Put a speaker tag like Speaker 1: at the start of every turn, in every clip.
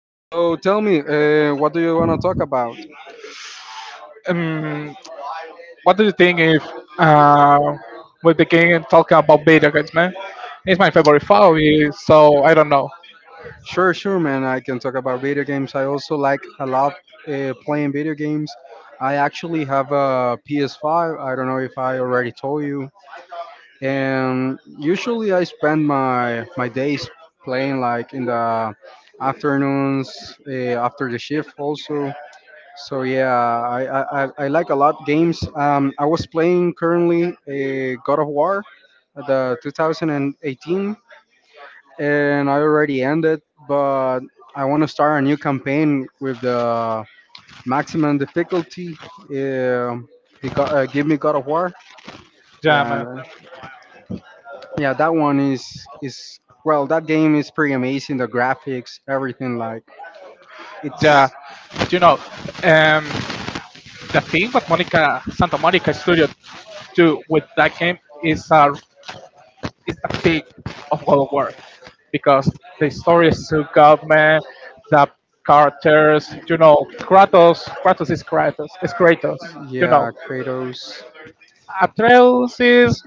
Speaker 1: So, tell me, what do you want to talk about?
Speaker 2: um, what do you think if uh, we begin talking about video games, man? It's my favorite hobby, so I don't know.
Speaker 1: Sure, sure, man. I can talk about video games. I also like a lot playing video games. I actually have a PS5. I don't know if I already told you. And usually, I spend my days playing like in the afternoons after the shift also. So yeah, I like a lot games. I was playing currently a God of War, the 2018, and I already ended, but I want to start a new campaign with the maximum difficulty. Um, Give me God of War.
Speaker 2: Yeah,
Speaker 1: Yeah,
Speaker 2: man.
Speaker 1: yeah, that one, that game is pretty amazing. The graphics, everything like
Speaker 2: Yeah,
Speaker 1: it's.
Speaker 2: you know, um, the thing what Monica Santa Monica Studio do with that game is the peak of God of War because the story is so good, man. The characters, you know, Kratos, Kratos is Kratos, you
Speaker 1: Yeah,
Speaker 2: know.
Speaker 1: Kratos.
Speaker 2: Atreus is.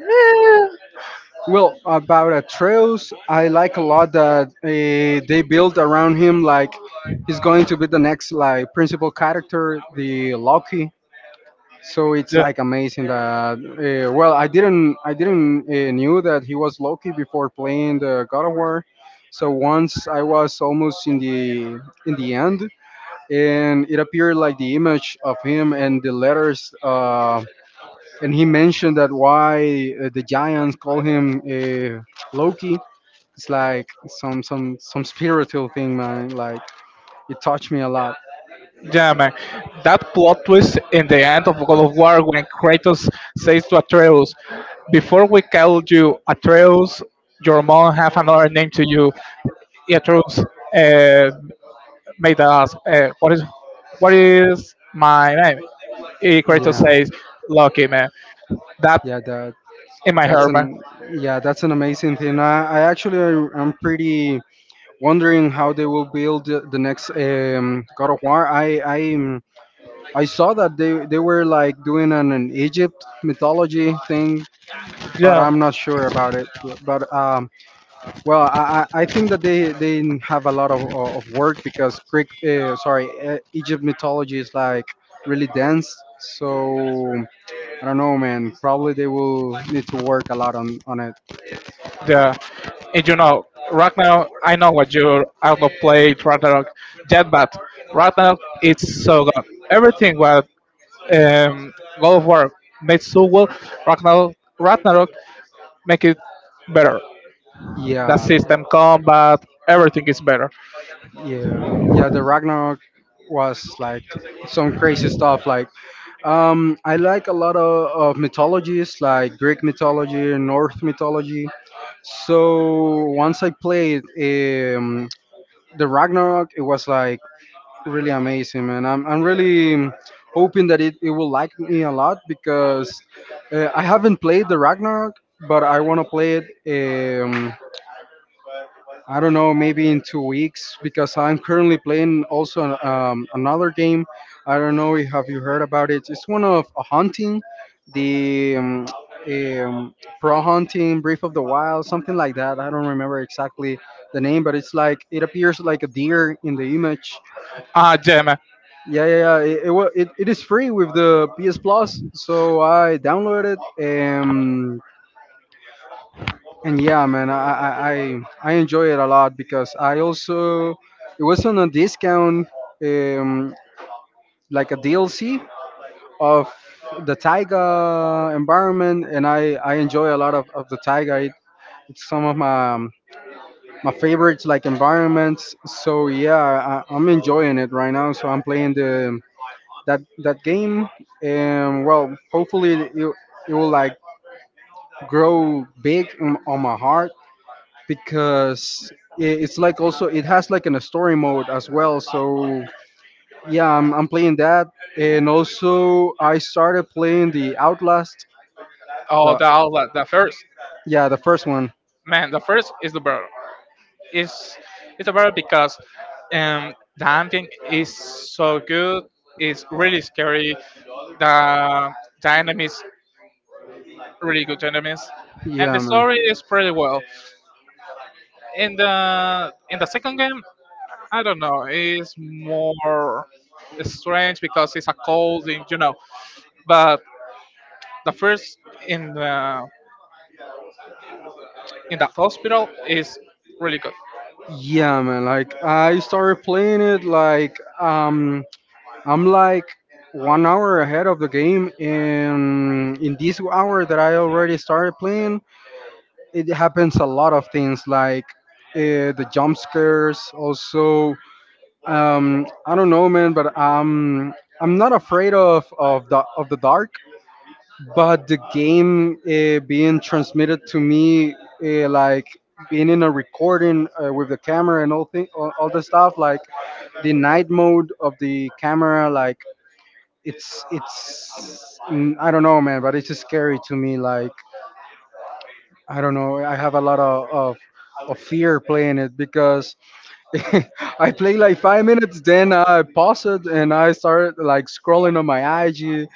Speaker 1: Well, about Atreus, I like a lot that they build around him. Like he's going to be the next like principal character, the Loki. So it's like amazing that well, I didn't knew that he was Loki before playing the God of War. So once I was almost in the end, and it appeared like the image of him and the letters, and he mentioned that why the giants call him Loki. It's like some spiritual thing, man. Like it
Speaker 2: Yeah.
Speaker 1: touched me a lot.
Speaker 2: Yeah, man. That plot twist in the end of God of War when Kratos says to Atreus, "Before we call you Atreus, your mom have another name to you." Atreus uh, made us. What is what is my name? Kratos
Speaker 1: Yeah.
Speaker 2: says, "Lucky man." That
Speaker 1: Yeah, that
Speaker 2: in my
Speaker 1: that's
Speaker 2: heart,
Speaker 1: an yeah, that's an amazing thing. I am pretty wondering how they will build the next God of War. I saw that they were like doing an Egypt mythology thing, but
Speaker 2: man.
Speaker 1: I'm not sure about it. But I think that they have a lot of work because Egypt mythology is like really dense. So I don't know, man. Probably they will need to work a lot on it.
Speaker 2: The and you know Ragnarok, I know what you, I go play Ragnarok Jet, but Ragnarok it's so good. Everything what um God of War made so well, Ragnarok Ragnarok make it better. The
Speaker 1: Yeah,
Speaker 2: system combat everything is better.
Speaker 1: yeah, yeah. The Ragnarok was like some crazy stuff. Like, I like a lot of mythologies, like Greek mythology, North mythology. So once I played the Ragnarok, it was like really amazing, man. I'm really hoping that it will like me a lot because I haven't played the Ragnarok, but I want to play it. I don't know, maybe in 2 weeks because I'm currently playing also another game. I don't know if have you heard about it. It's one of a hunting, the pro hunting, Brief of the Wild, something like that. I don't remember exactly the name, but it's like it appears like a deer in the image.
Speaker 2: Ah, yeah, man.
Speaker 1: Yeah, yeah, yeah. It is free with the PS Plus, so I downloaded it, and yeah, man, I enjoy it a lot because I also, it was on a discount, um, like a DLC of the Taiga environment, and I enjoy a lot of the Taiga. It's some of my my favorites like environments. So yeah, I, I'm enjoying it right now. So I'm playing the that that game, and well, hopefully it will like grow big on my heart because it's like also, it has like in a story mode as well. So yeah, I'm playing that, and also I started playing the Outlast.
Speaker 2: Oh,
Speaker 1: The
Speaker 2: the outlet, the first,
Speaker 1: yeah, the first one.
Speaker 2: man, the first is the better. It's it's about because the ambient is so good. It's really scary. The the enemies really good enemies, and the
Speaker 1: Yeah, man.
Speaker 2: story is pretty well. In the second game, I don't know. It's more strange because it's a cold, and, you know. But the first in the in the hospital is really good.
Speaker 1: Yeah, man. Like I started playing it like I'm like 1 hour ahead of the game, and in this hour that I already started playing, it happens a lot of things like the jump scares. Also, I don't know, man, but I'm not afraid of the dark, but the game being transmitted to me like being in a recording with the camera and all the stuff like the night mode of the camera. Like it's I don't know, man, but it's just scary to me. Like I don't know, I have a lot of fear playing it because I play like 5 minutes, then I pause it and I start like scrolling on my IG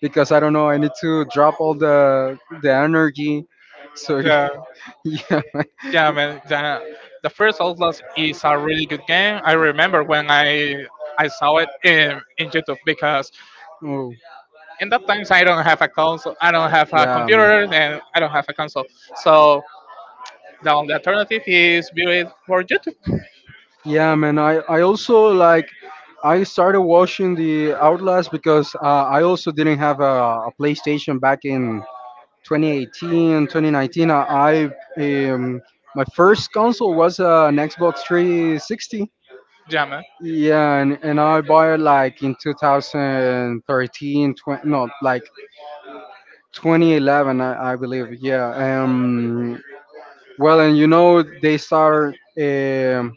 Speaker 1: because I don't know. I need to drop all the energy. So yeah, yeah, man.
Speaker 2: Yeah, man. The first Outlast is a really good game. I remember when I saw it in YouTube because
Speaker 1: Oh,
Speaker 2: in that times I don't have a console, I don't have a
Speaker 1: yeah, man.
Speaker 2: computer, and I don't have a console. So the only alternative is view it for YouTube.
Speaker 1: Yeah, man. I also like, I started watching the Outlast because I also didn't have a PlayStation back in 2018, 2019, I um, my first console was an Xbox 360.
Speaker 2: Jammer,
Speaker 1: Yeah, and I bought it like in 2013, 20, no, like 2011, I believe. Yeah. Um. Well, and you know they start. Um,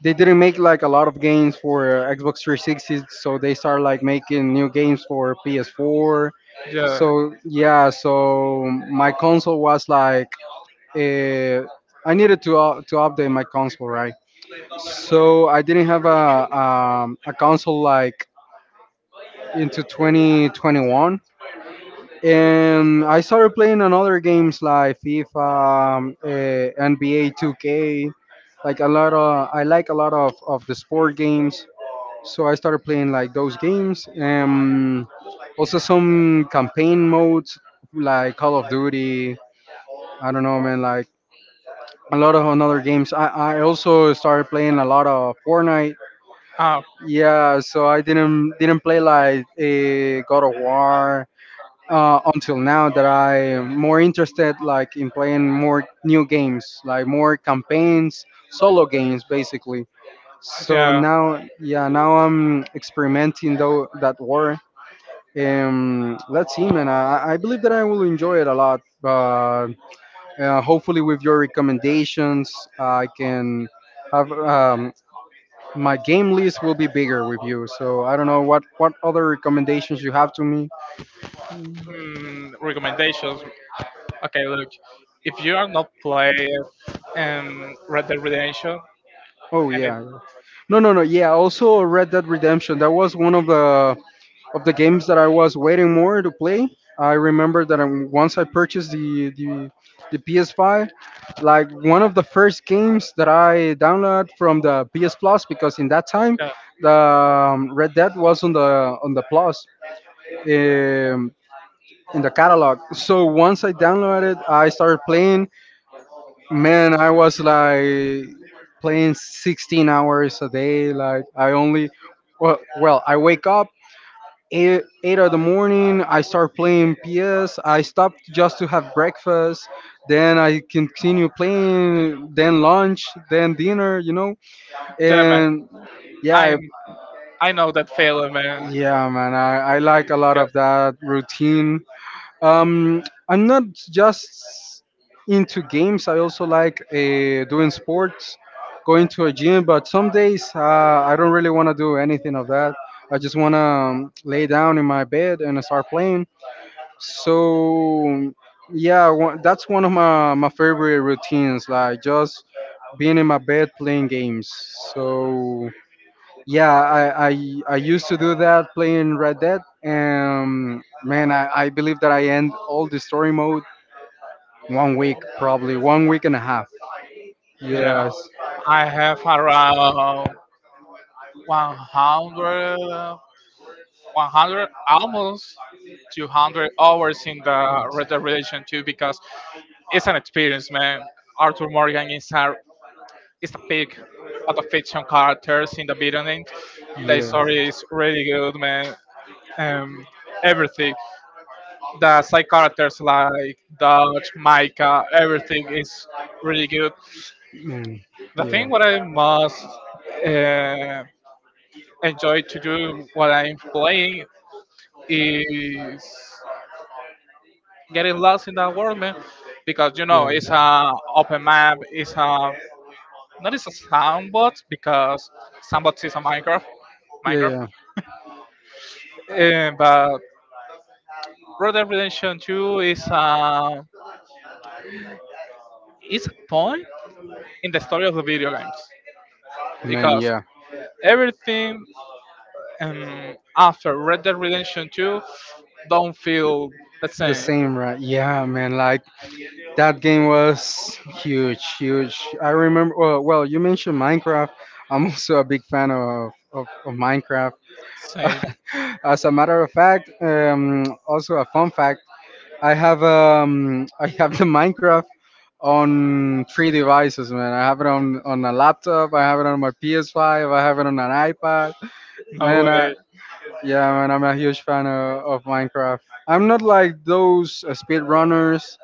Speaker 1: they didn't make like a lot of games for Xbox 360, so they start like making new games for PS4.
Speaker 2: yeah.
Speaker 1: So yeah, so my console was like uh, I needed to update my console, right? So I didn't have a console like into 2021, and I started playing another games like FIFA, NBA 2K, like a lot of, I like a lot of the sport games. So I started playing like those games, and also some campaign modes like Call of Duty. I don't know, man. Like a lot of another games. I also started playing a lot of Fortnite. Yeah, so I didn't play like a God of War until now that I'm more interested like in playing more new games, like more campaigns, solo games basically. So now, yeah, now I'm experimenting though that war. Let's see, man. I believe that I will enjoy it a lot. But hopefully, with your recommendations, I can have my game list will be bigger with you. So I don't know what other recommendations you have to me.
Speaker 2: Mm, recommendations. Okay, look, if you are not playing Red Dead Redemption,
Speaker 1: Oh
Speaker 2: and it,
Speaker 1: yeah, no, yeah. Also, Red Dead Redemption. That was one of the games that I was waiting more to play. I remember that once I purchased the PS5, like one of the first games that I downloaded from the PS Plus because in that time
Speaker 2: yeah.
Speaker 1: the Red Dead was on the Plus um, in the catalog. So once I downloaded it, I started playing. Man, I was like playing 16 hours a day. Like I only, well I wake up eight, eight of the morning, I start playing PS. I stopped just to have breakfast, then I continue playing, then lunch, then dinner, you know,
Speaker 2: Damn, man.
Speaker 1: and yeah.
Speaker 2: I I know that feeling, man.
Speaker 1: Yeah man, I like a lot
Speaker 2: 'Cause-
Speaker 1: of that routine. um I'm not just into games, I also like doing sports, going to a gym, but some days I don't really want to do anything of that. I just want to lay down in my bed and start playing. So yeah, that's one of my favorite routines. Like just being in my bed playing games. So yeah, I used to do that playing Red Dead, and man, I believe that I end all the story mode 1 week, probably 1 week and a half.
Speaker 2: yeah,
Speaker 1: Yes.
Speaker 2: I have around 100 100, almost 200 hours in the Red Dead Redemption 2, because it's an experience, man. Arthur Morgan is a is the pick of the fiction characters in the beginning. The story is really good, man. Um, everything, the side characters like Dutch, Micah, everything is really good.
Speaker 1: Yeah. Man,
Speaker 2: The
Speaker 1: yeah.
Speaker 2: thing what I most uh, enjoy to do while I'm playing is getting lost in that world, man, because you know it's a open map. It's a not, it's a sandbox, because sandbox is a Minecraft,
Speaker 1: Yeah,
Speaker 2: Minecraft.
Speaker 1: yeah.
Speaker 2: But Red Dead Redemption 2
Speaker 1: Yeah,
Speaker 2: is a point in the
Speaker 1: yeah.
Speaker 2: story of the video games,
Speaker 1: Man,
Speaker 2: because
Speaker 1: yeah,
Speaker 2: everything after Red Dead Redemption 2 don't feel the
Speaker 1: the
Speaker 2: same.
Speaker 1: same, right? Yeah, man, like that game was huge, huge. I remember, well, well you mentioned Minecraft. I'm also a big fan of Minecraft.
Speaker 2: Same.
Speaker 1: As a matter of fact, also a fun fact, I have the Minecraft on 3 devices, man. I have it on a laptop, I have it on my PS5, I have it on an iPad.
Speaker 2: No
Speaker 1: Man, I,
Speaker 2: way.
Speaker 1: yeah, man, I'm a huge fan of Minecraft. I'm not like those speed runners.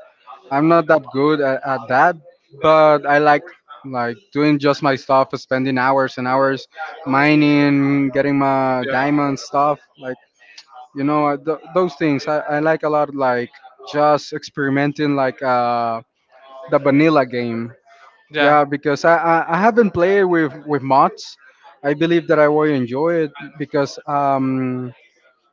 Speaker 1: I'm not that good at that, but I like doing just my stuff, spending hours and hours mining, getting my diamond stuff. Like you know th- those things. I like a lot. Like just experimenting, like the vanilla game. Yeah, because I haven't played with mods. I believe that I will enjoy it because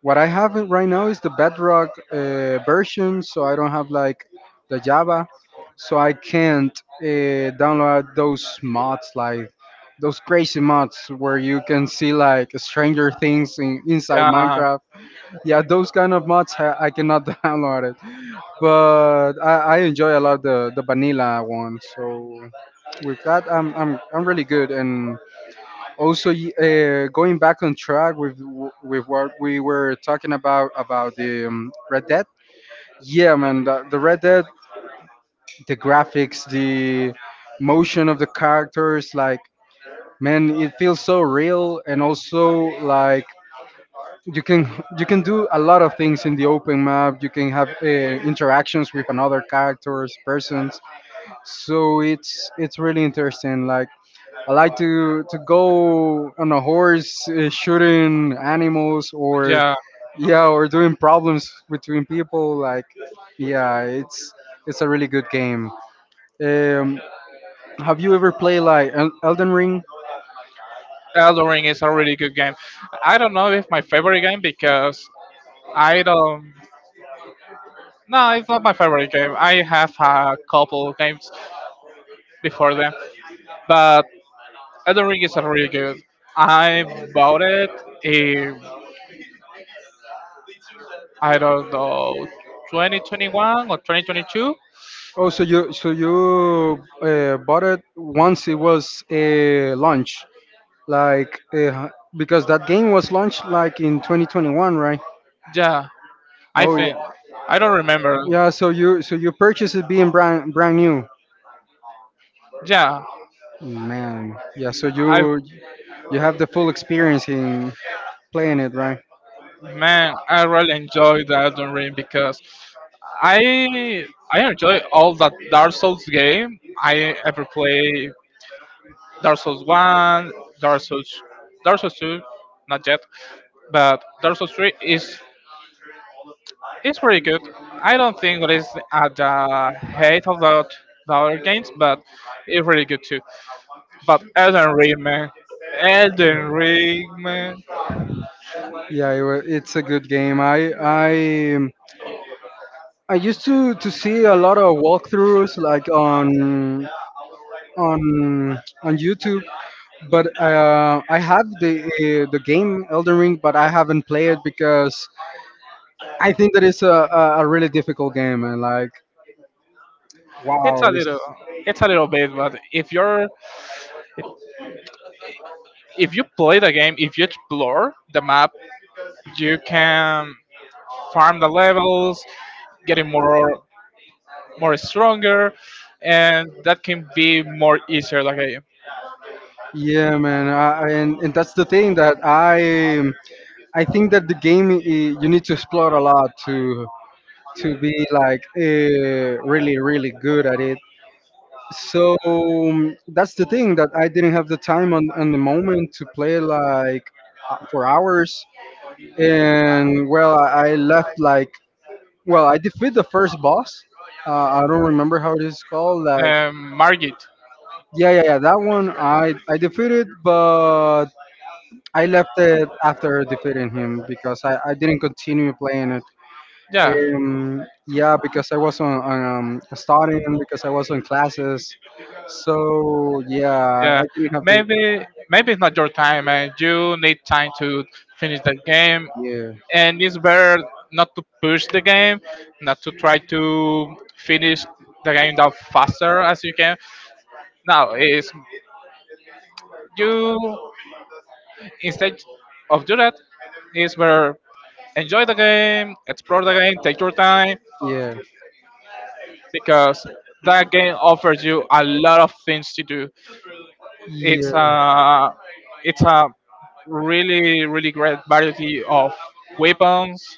Speaker 1: what I have in- right now is the Bedrock version, so I don't have like the Java, so I can't download those mods like those crazy mods where you can see like Stranger Things in, inside Minecraft. Yeah, those kind of mods I cannot download it, but I enjoy a lot the vanilla one. So with that, I'm really good. And also, going back on track with with what we were talking about the Red Dead. Yeah, man, the Red Dead, the graphics, the motion of the characters, like man, it feels so real, and also like you can, you can do a lot of things in the open map. You can have interactions with another characters, persons. So it's really interesting. Like. I like to go on a horse, shooting animals, or
Speaker 2: Yeah,
Speaker 1: yeah, or doing problems between people. Like, yeah, it's a really good game. Um, have you ever played like Elden Ring?
Speaker 2: Elden Ring is a really good game. I don't know if my favorite game because I don't. No, it's not my favorite game. I have a couple of games before them, but Elden Ring is a really good. I bought it in, I don't know, 2021 or 2022.
Speaker 1: Oh, so you bought it once it was a launch, like because that game was launched like in 2021, right?
Speaker 2: Yeah, I
Speaker 1: Oh
Speaker 2: think,
Speaker 1: yeah,
Speaker 2: I don't remember.
Speaker 1: yeah. So you purchased it being brand new.
Speaker 2: Yeah,
Speaker 1: Man, yeah. So
Speaker 2: I,
Speaker 1: you have the full experience in playing it, right?
Speaker 2: man, I really enjoyed the Elden Ring because I I enjoy all that Dark Souls game. I ever play Dark Souls one, Dark Souls, Dark Souls two, not yet, but Dark Souls three is pretty good. I don't think that it's at the height of the other games, but it's really good too. But Elden Ring, man, Elden Ring, man.
Speaker 1: Yeah, it, it's a good game. I I used to see a lot of walkthroughs like on on YouTube, but I have the game Elden Ring, but I haven't played it because I think that it's a really difficult game and like
Speaker 2: It's a
Speaker 1: wow,
Speaker 2: little,
Speaker 1: it's,
Speaker 2: it's a little bit, but if you're, if you play the game, if you explore the map, you can farm the levels, getting more, more stronger, and that can be more easier. Like a
Speaker 1: yeah, man, I and that's the thing that I think that the game you need to explore a lot to be like really good at it. So that's the thing that I didn't have the time on the moment to play like for hours, and well I left like well I defeat the first boss. I don't remember how it is called. Like
Speaker 2: Margit,
Speaker 1: yeah, that one I defeated, but I left it after defeating him because I didn't continue playing it.
Speaker 2: yeah,
Speaker 1: Yeah, because I was on studying, because I was on classes. So yeah,
Speaker 2: yeah.
Speaker 1: I didn't have the
Speaker 2: Maybe, maybe it's not your time, and you need time to finish the game.
Speaker 1: yeah
Speaker 2: And it's better not to push the game, not to try to finish the game down faster as you can. Now is you, instead of do that is where enjoy the game, explore the game, take your time
Speaker 1: yeah.
Speaker 2: because that game offers you a lot of things to do. It's
Speaker 1: Yeah,
Speaker 2: a it's a really really great variety of weapons,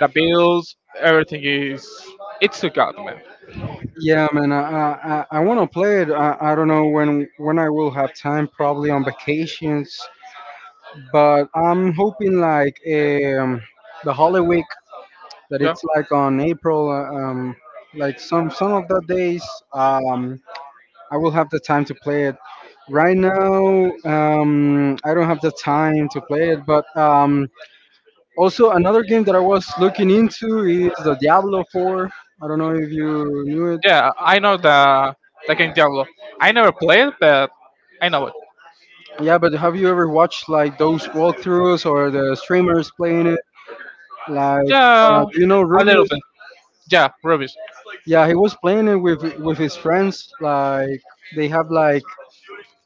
Speaker 2: the builds, everything is it's a god, man.
Speaker 1: yeah, man. I want to play it. I don't know when I will have time. Probably on vacations, but I'm hoping like the holiday that
Speaker 2: Yeah,
Speaker 1: it's like on April, like some of the days, um, I will have the time to play it. Right now, I don't have the time to play it, but also another game that I was looking into is the Diablo 4. I don't know if you knew it.
Speaker 2: yeah, I know the game Diablo. I never played, but I know it.
Speaker 1: Yeah, but have you ever watched like those walkthroughs or the streamers playing it? Like,
Speaker 2: Yeah,
Speaker 1: do you know
Speaker 2: a little
Speaker 1: Rubius?
Speaker 2: bit. Yeah, rubbish.
Speaker 1: Yeah, he was playing it with his friends. Like, they have like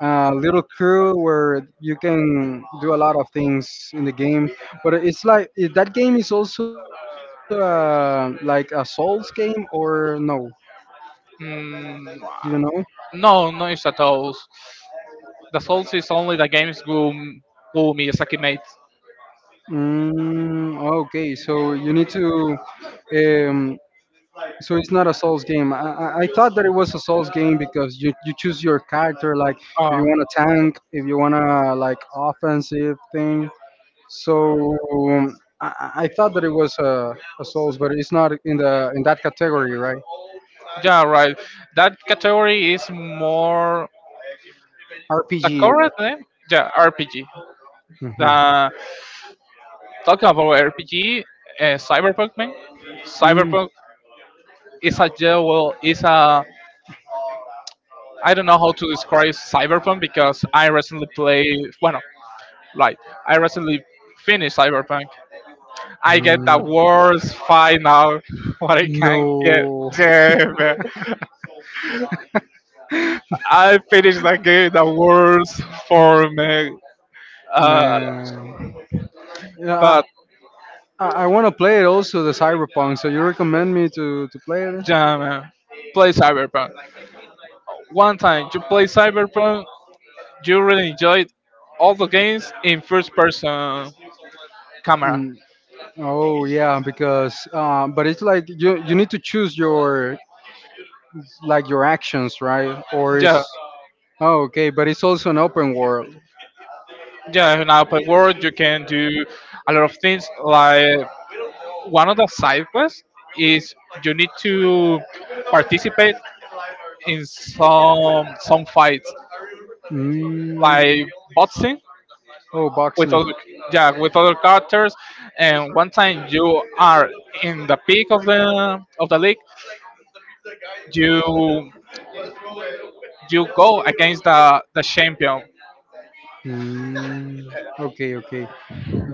Speaker 1: little crew where you can do a lot of things in the game. But it's like that game is also like a Souls game or no? Do
Speaker 2: Mm,
Speaker 1: you know?
Speaker 2: no, no, it's at all. The Souls is only the games who Miyazaki made.
Speaker 1: Mm, okay, so you need to. Um, so it's not a Souls game. I thought that it was a Souls game because you choose your character, like if you
Speaker 2: Uh,
Speaker 1: want a tank, if you want to like offensive thing. So um, I thought that it was a Souls, but it's not in the in that category, right?
Speaker 2: yeah, right. That category is more the
Speaker 1: RPG. Right?
Speaker 2: correct name. Yeah, RPG.
Speaker 1: Hmm.
Speaker 2: The, talking about RPG, Cyberpunk, man.
Speaker 1: Mm.
Speaker 2: Cyberpunk is a, yeah, well, is a, I don't know how to describe Cyberpunk because I recently play. Well, like I recently finished Cyberpunk. I get the
Speaker 1: Mm.
Speaker 2: worst final. What I can get.
Speaker 1: No,
Speaker 2: Damn it. I finished the game the worst for me. Uh,
Speaker 1: man. Yeah,
Speaker 2: but
Speaker 1: I want to play it also, the Cyberpunk. So you recommend me to play it?
Speaker 2: yeah, man, play Cyberpunk. One time you play Cyberpunk, you really enjoyed all the games in first person camera.
Speaker 1: Mm, oh yeah, because but it's like you need to choose your like your actions, right? Or
Speaker 2: Yeah,
Speaker 1: is oh okay, but it's also an open world.
Speaker 2: yeah, in open world you can do a lot of things. Like one of the side quests is you need to participate in some fights,
Speaker 1: Mm.
Speaker 2: like boxing
Speaker 1: Oh,
Speaker 2: with
Speaker 1: boxing.
Speaker 2: other, yeah, with other characters. And one time you are in the peak of the league, you you go against the champion.
Speaker 1: Mm, okay, okay.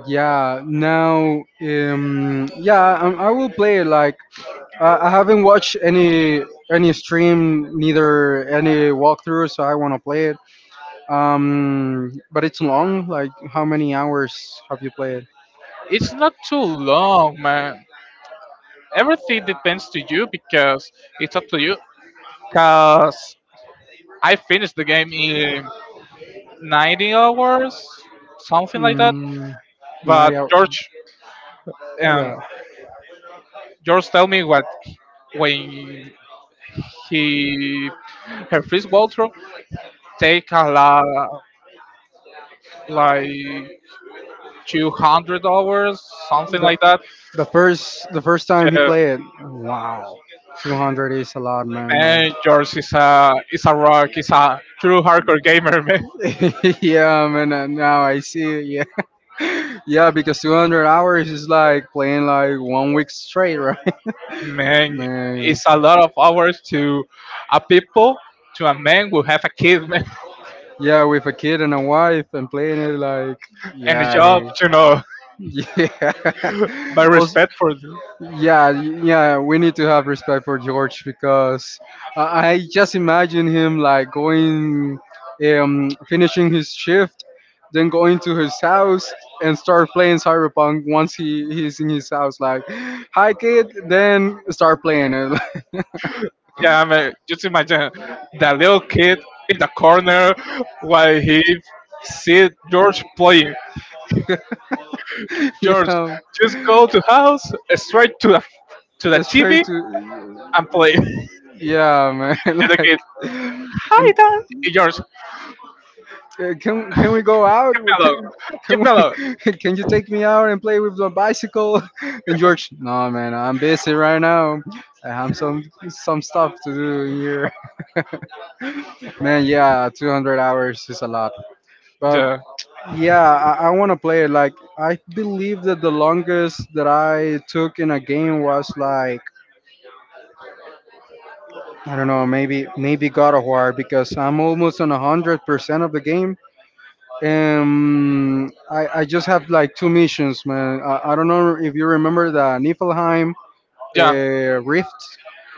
Speaker 1: Yeah, now, yeah, I will play it. Like, I haven't watched any stream, neither any walkthrough, so I want to play it. But it's long. Like, how many hours have you played?
Speaker 2: It's not too long, man. Everything depends to you because it's up to you. Cause I finished the game in 90 hours, something like that.
Speaker 1: Mm,
Speaker 2: But
Speaker 1: 90 hours.
Speaker 2: George, um,
Speaker 1: Yeah.
Speaker 2: George, tell me what when he her first walkthrough take a lot, like 200 hours, something
Speaker 1: The,
Speaker 2: like that.
Speaker 1: the first time he
Speaker 2: Yeah,
Speaker 1: played, wow, 200 is a lot, man. Like,
Speaker 2: man, George is a rock. He's a true hardcore gamer, man.
Speaker 1: yeah, man. Now I see. It, yeah, yeah, because 200 hours is like playing like one week straight, right?
Speaker 2: Man,
Speaker 1: Man,
Speaker 2: it's a lot of hours to a people, to a man who have a kid, man,
Speaker 1: yeah, with a kid and a wife and playing it like,
Speaker 2: and a
Speaker 1: yeah,
Speaker 2: job, you know.
Speaker 1: he, yeah.
Speaker 2: By respect for them.
Speaker 1: Yeah, yeah, we need to have respect for George because I just imagine him like going, finishing his shift, then going to his house and start playing Cyberpunk once he's in his house. Like, hi kid, then start playing it.
Speaker 2: Yeah, I mean, just imagine that little kid in the corner while he see George playing. George,
Speaker 1: Yeah,
Speaker 2: just go to house, straight to the TV
Speaker 1: straight to
Speaker 2: and play.
Speaker 1: yeah, man.
Speaker 2: And the kid,
Speaker 1: Like,
Speaker 2: hi
Speaker 1: and
Speaker 2: Dad. Hey, George,
Speaker 1: Can we go out? We-
Speaker 2: me alone, give
Speaker 1: Can
Speaker 2: me alone.
Speaker 1: we? Can you take me out and play with the bicycle? And George, no man, I'm busy right now. I have some stuff to do here. Man, yeah, 200 hours is a lot. But
Speaker 2: The,
Speaker 1: yeah, I want to play it. Like I believe that the longest that I took in a game was like I don't know, maybe God of War because I'm almost on 100% of the game. I just have like two missions, man. I don't know if you remember the Niflheim
Speaker 2: yeah,
Speaker 1: Rift.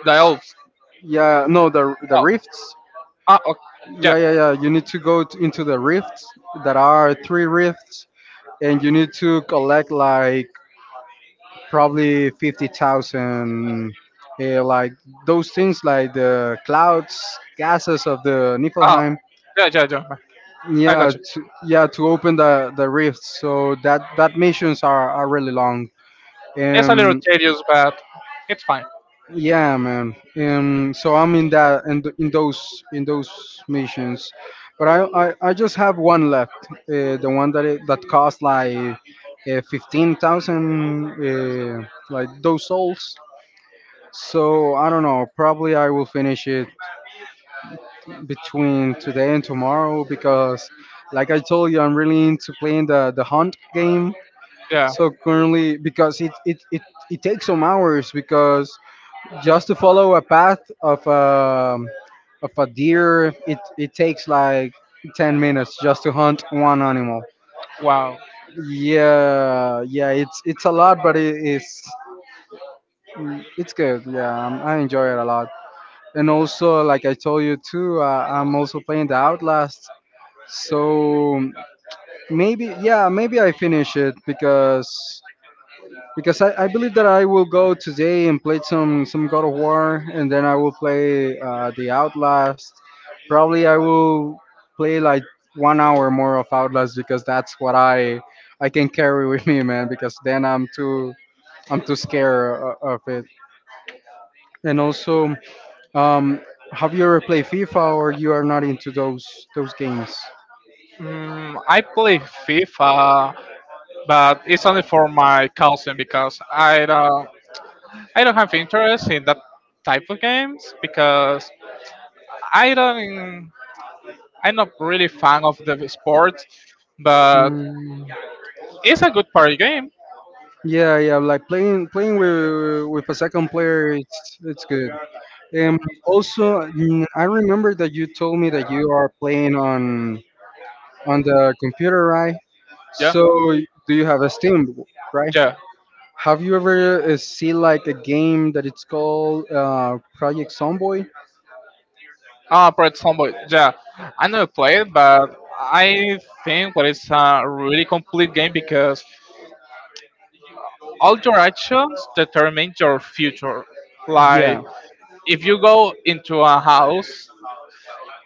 Speaker 2: the elves.
Speaker 1: Yeah, no, the
Speaker 2: Oh,
Speaker 1: rifts.
Speaker 2: ah, okay. Yeah.
Speaker 1: Yeah, yeah, yeah. You need to into the rifts. There are three rifts, and you need to collect like probably 50,000, like those things, like the clouds, gases of the
Speaker 2: Ah,
Speaker 1: Niflheim.
Speaker 2: yeah, yeah, yeah. I
Speaker 1: Yeah,
Speaker 2: got you.
Speaker 1: yeah, to open the rifts. So that that missions are really long.
Speaker 2: It's a little
Speaker 1: Um,
Speaker 2: tedious, but it's fine.
Speaker 1: yeah, man. So I'm in that in, in those missions, but I just have one left. The one that it, that cost like 15,000 like those souls. So I don't know. Probably I will finish it between today and tomorrow because, like I told you, I'm really into playing the hunt game.
Speaker 2: Yeah.
Speaker 1: So currently, because it takes some hours because just to follow a path of a deer, it takes like 10 minutes just to hunt one animal.
Speaker 2: Wow.
Speaker 1: Yeah, yeah, it's a lot, but it is it's good. Yeah, I enjoy it a lot. And also, like I told you too, I'm also playing the Outlast. So maybe, yeah, maybe I finish it because
Speaker 2: Because I
Speaker 1: I
Speaker 2: think
Speaker 1: believe that I will go today and play some God of War, and then I will play the Outlast.
Speaker 2: now we
Speaker 1: Probably
Speaker 2: have
Speaker 1: I
Speaker 2: an
Speaker 1: will play like one hour
Speaker 2: hour.
Speaker 1: more of Outlast because that's what I can carry with me, man. Because then I'm
Speaker 2: And
Speaker 1: too scared of it. And
Speaker 2: also,
Speaker 1: also,
Speaker 2: um,
Speaker 1: um, have you ever
Speaker 2: European.
Speaker 1: played FIFA or you are not into those games?
Speaker 2: Mm, I play FIFA, but it's only for my cousin because I don't, I don't have interest in that type of games because I don't, I'm not really fan of the sport, but
Speaker 1: Mm,
Speaker 2: it's a good party game.
Speaker 1: yeah, yeah, like playing with a second player, it's good. Um, also, mm, I remember that you told me that you are playing on the computer, right?
Speaker 2: Yeah,
Speaker 1: So, do you have a Steam, right?
Speaker 2: yeah.
Speaker 1: Have you ever see like a game that it's called Project Zomboid?
Speaker 2: For example, yeah, I never played, but I think what is a really complete game because all your actions determine your future. Like,
Speaker 1: Yeah,
Speaker 2: if you go into a house,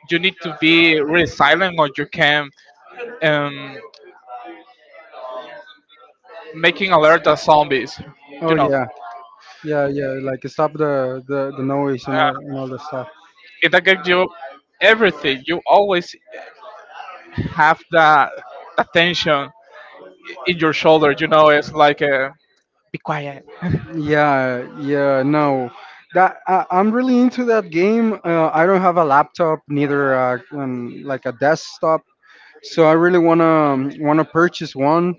Speaker 2: you need to be really silent or you can um, making alert the zombies. You
Speaker 1: oh
Speaker 2: know,
Speaker 1: yeah, yeah, yeah, like stop the noise and all that stuff.
Speaker 2: it that gives you everything. You always have that attention in your shoulder. You know, it's like a be quiet
Speaker 1: Yeah, yeah, no. That I'm really into that game. I don't have a laptop, neither like a desktop, so I really wanna wanna purchase one,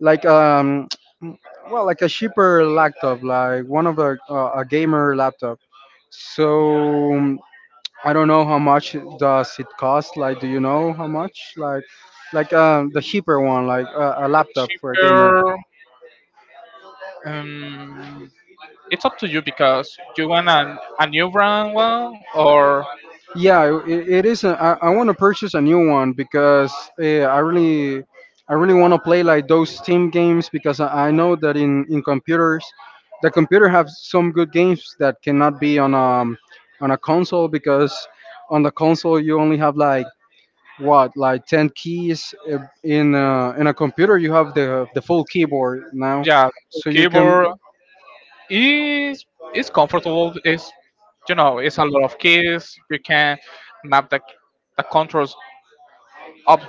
Speaker 1: like well, like a cheaper laptop, like one of the a gamer laptop. So I don't know how much does it cost. Like, do you know how much? Like the cheaper one, like a laptop for a gamer.
Speaker 2: cheaper. Um, it's up to you because you want a new brand one or
Speaker 1: Yeah, it is. A, I want to purchase a new one because uh, I really, I really want to play like those Steam games because I know that in computers, the computer have some good games that cannot be on a console because on the console you only have like what like ten keys in a computer you have the full keyboard now,
Speaker 2: yeah,
Speaker 1: so you
Speaker 2: keyboard
Speaker 1: can
Speaker 2: is it's comfortable. It's you know it's a lot of keys. You can map the controls up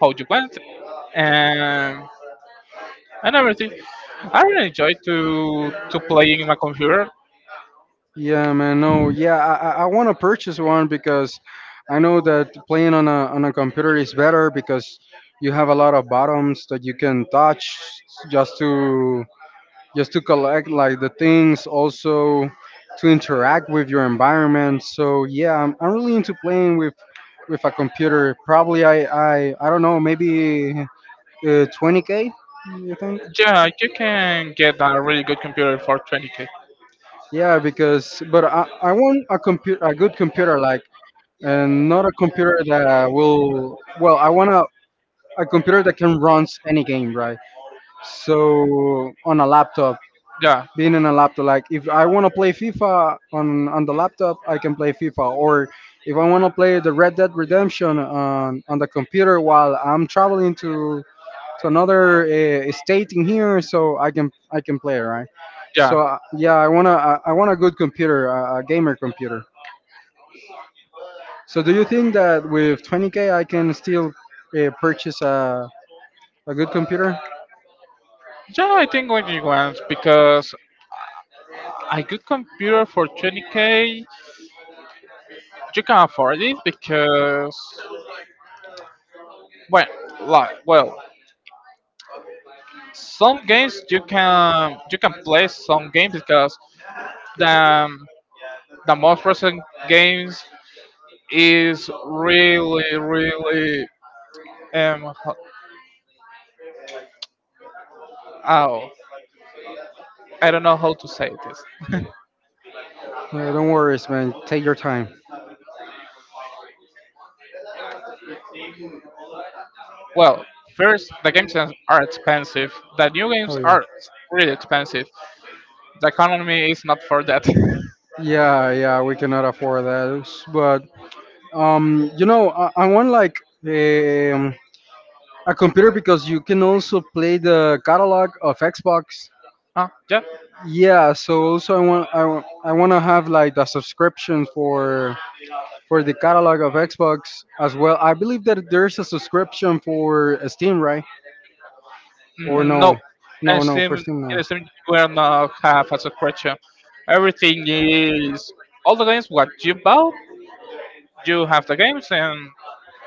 Speaker 2: how you want and and everything. I really enjoy to playing in my computer.
Speaker 1: yeah, man. No, yeah, I want to purchase one because I know that playing on a computer is better because you have a lot of buttons that you can touch just to just to collect like the things, also to interact with your environment. So yeah, I'm really into playing with a computer. Probably I don't know, maybe 20k. You think?
Speaker 2: Yeah, you can get a really good computer for 20K.
Speaker 1: Yeah, because but I want a computer a good computer like and not a computer that will. Well, I want a computer that can run any game, right? So on a laptop,
Speaker 2: Yeah,
Speaker 1: being in a laptop, like if I want to play FIFA on the laptop, I can play FIFA, or if I want to play the Red Dead Redemption on the computer while I'm traveling to another state in here, so I can play, right?
Speaker 2: yeah,
Speaker 1: So yeah, I want a good computer, a gamer computer. So do you think that with 20k I can still purchase a good computer?
Speaker 2: yeah. I think what you want because a good computer for 20K, you can afford it because, well, like, well, some games you can, you can play some games because the the most recent games is really really ho- oh, I don't know how to say this.
Speaker 1: Don't worry, man. Take your time.
Speaker 2: Well, first, the games are expensive. The new
Speaker 1: Oh
Speaker 2: games
Speaker 1: yeah.
Speaker 2: are really expensive. The economy is not for that.
Speaker 1: Yeah, yeah, we cannot afford that. But I want, like, um, a computer because you can also play the catalog of Xbox.
Speaker 2: Huh? Yeah.
Speaker 1: Yeah, so also I want to have, like, the subscription for the catalog of Xbox as well. I believe that there's a subscription for Steam, right? Or
Speaker 2: Mm, no,
Speaker 1: no?
Speaker 2: I
Speaker 1: No, no, for
Speaker 2: seem in
Speaker 1: Steam, no.
Speaker 2: the are not have as a creature. Everything is all the games what you bought, you have the games and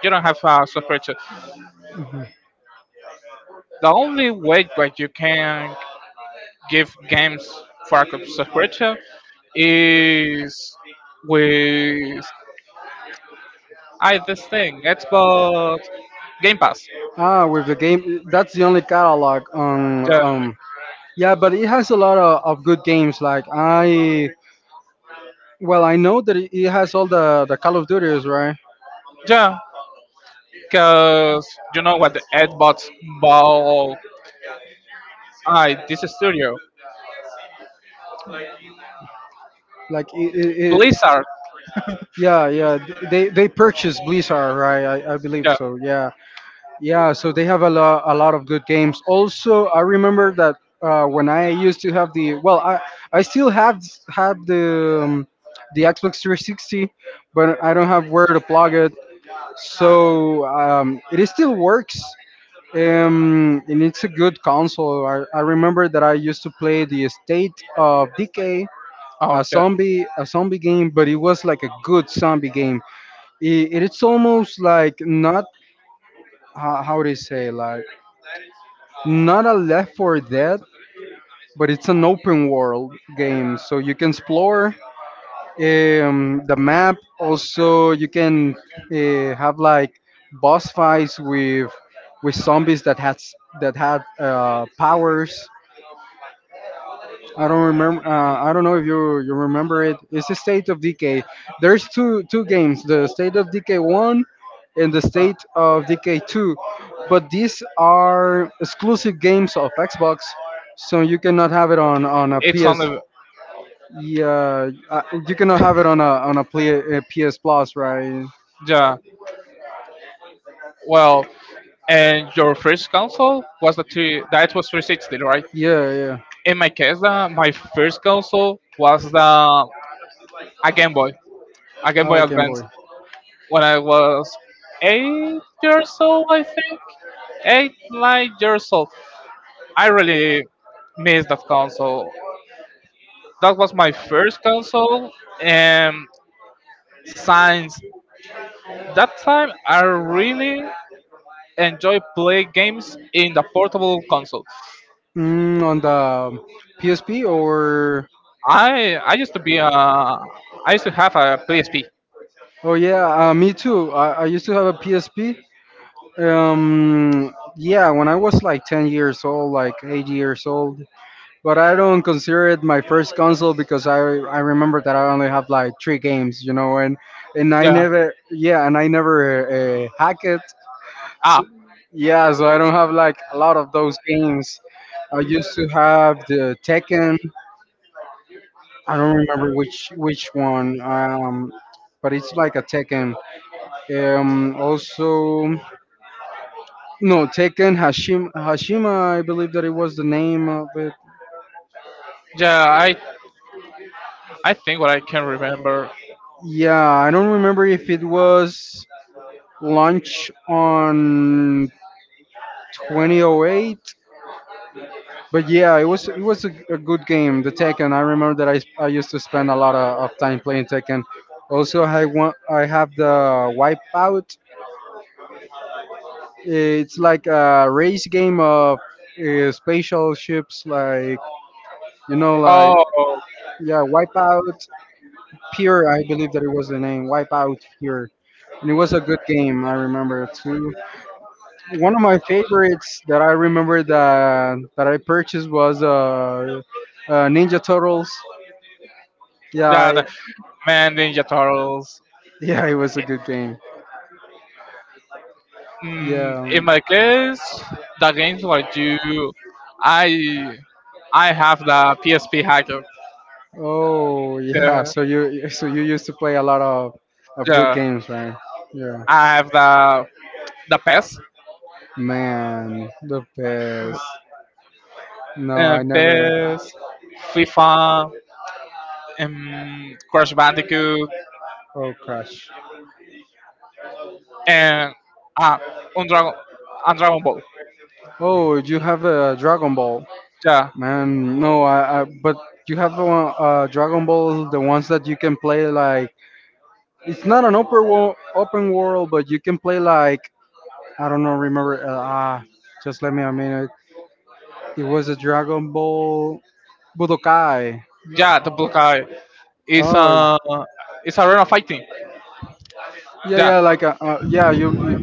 Speaker 2: you don't have a subscription. The only way that you can give games for a subscription is with I this thing, Xbox Game Pass.
Speaker 1: Ah, with the game, that's the only catalog on, um, yeah, but it has a lot of good games. Like, well, I know that it has all the Call of Duties, right?
Speaker 2: Yeah, because you know what the Xbox bought I this studio,
Speaker 1: Like it
Speaker 2: Blizzard.
Speaker 1: Yeah, yeah. They purchased Blizzard, right? I believe
Speaker 2: Yeah.
Speaker 1: so. Yeah, yeah. So they have a lot, a lot of good games. Also, I remember that when I used to have the well, I still have the, the Xbox 360, but I don't have where to plug it. So it is still works. And it's a good console. I remember that I used to play the State of Decay, a zombie, a zombie game, but it was, like, a good zombie game. It's almost like, not, how they say, like, not a Left for Dead, but it's an open world game, so you can explore the map. Also, you can have, like, boss fights with zombies that had powers. I don't
Speaker 2: Oh yeah.
Speaker 1: remember. I don't know if you remember it. It's the State of Decay. There's two games: the State of Decay one and the State of Decay two. But these are exclusive games of Xbox, so you cannot have it on a
Speaker 2: It's on
Speaker 1: PS.
Speaker 2: the,
Speaker 1: Yeah, you cannot have it on a, on a PS Plus, right?
Speaker 2: yeah. Well, and your first console was the two. That was 360, right?
Speaker 1: Yeah, yeah.
Speaker 2: In my case, my first console was the a Game Boy, a Game
Speaker 1: Oh,
Speaker 2: Boy
Speaker 1: Game
Speaker 2: Advance.
Speaker 1: Boy.
Speaker 2: When I was
Speaker 1: I
Speaker 2: 8 years old, I
Speaker 1: really,
Speaker 2: think 8 9 years old. I really miss that console.
Speaker 1: that
Speaker 2: That
Speaker 1: was
Speaker 2: was
Speaker 1: my
Speaker 2: my
Speaker 1: first
Speaker 2: first
Speaker 1: console,
Speaker 2: console, and since that time, I really enjoy play games in the portable console.
Speaker 1: and. Mm, on the PSP? Or,
Speaker 2: I used to be a I used to have a PSP.
Speaker 1: oh yeah, me too. I used to have a PSP. Yeah, when I was like 10 years old, like 8 years old. But I don't consider it my first console because I remember that I only have like three games, you know, and I
Speaker 2: Yeah.
Speaker 1: never, yeah, and I never hack it.
Speaker 2: Ah.
Speaker 1: So, yeah, so I don't have like a lot of those games. I used to have the Tekken. I don't remember which one. But it's like a Tekken. Also, no, Tekken Hashim, Hashima. I believe that it was the name of it.
Speaker 2: Yeah. I think what I can remember.
Speaker 1: Yeah, I don't remember if it was launch on 2008. But yeah, it was, it was a good game. The Tekken. I remember that I used to spend a lot of time playing Tekken. Also, I have the Wipeout. It's like a race game of spatial ships, like, you know, like,
Speaker 2: Oh.
Speaker 1: yeah, Wipeout Pure. I believe that it was the name, Wipeout Pure, and it was a good game. I remember too. One of my favorites that I remember that I purchased was Ninja Turtles. Yeah,
Speaker 2: Yeah. The, man, Ninja Turtles.
Speaker 1: yeah, it was a good game.
Speaker 2: Mm,
Speaker 1: Yeah.
Speaker 2: in my case, the games were you, I, I have the PSP hacker.
Speaker 1: Oh, yeah.
Speaker 2: Yeah,
Speaker 1: So you so you used to play a lot of good
Speaker 2: yeah.
Speaker 1: games, right? Yeah.
Speaker 2: I have the PES,
Speaker 1: Man, the best. No, I never.
Speaker 2: PES, FIFA, Crash Bandicoot,
Speaker 1: Oh, Crash.
Speaker 2: and uh, on Dragon, on Dragon Ball.
Speaker 1: Oh, you have a Dragon Ball.
Speaker 2: Yeah,
Speaker 1: Man, no, I but you have a, Dragon Ball, the ones that you can play like, it's not an open world, but you can play like, I don't know, remember? Just let me a minute. It was a Dragon Ball Budokai.
Speaker 2: yeah. The Blue Guy is
Speaker 1: Oh,
Speaker 2: a, uh, it's arena fighting.
Speaker 1: yeah,
Speaker 2: Yeah,
Speaker 1: yeah, like, yeah, you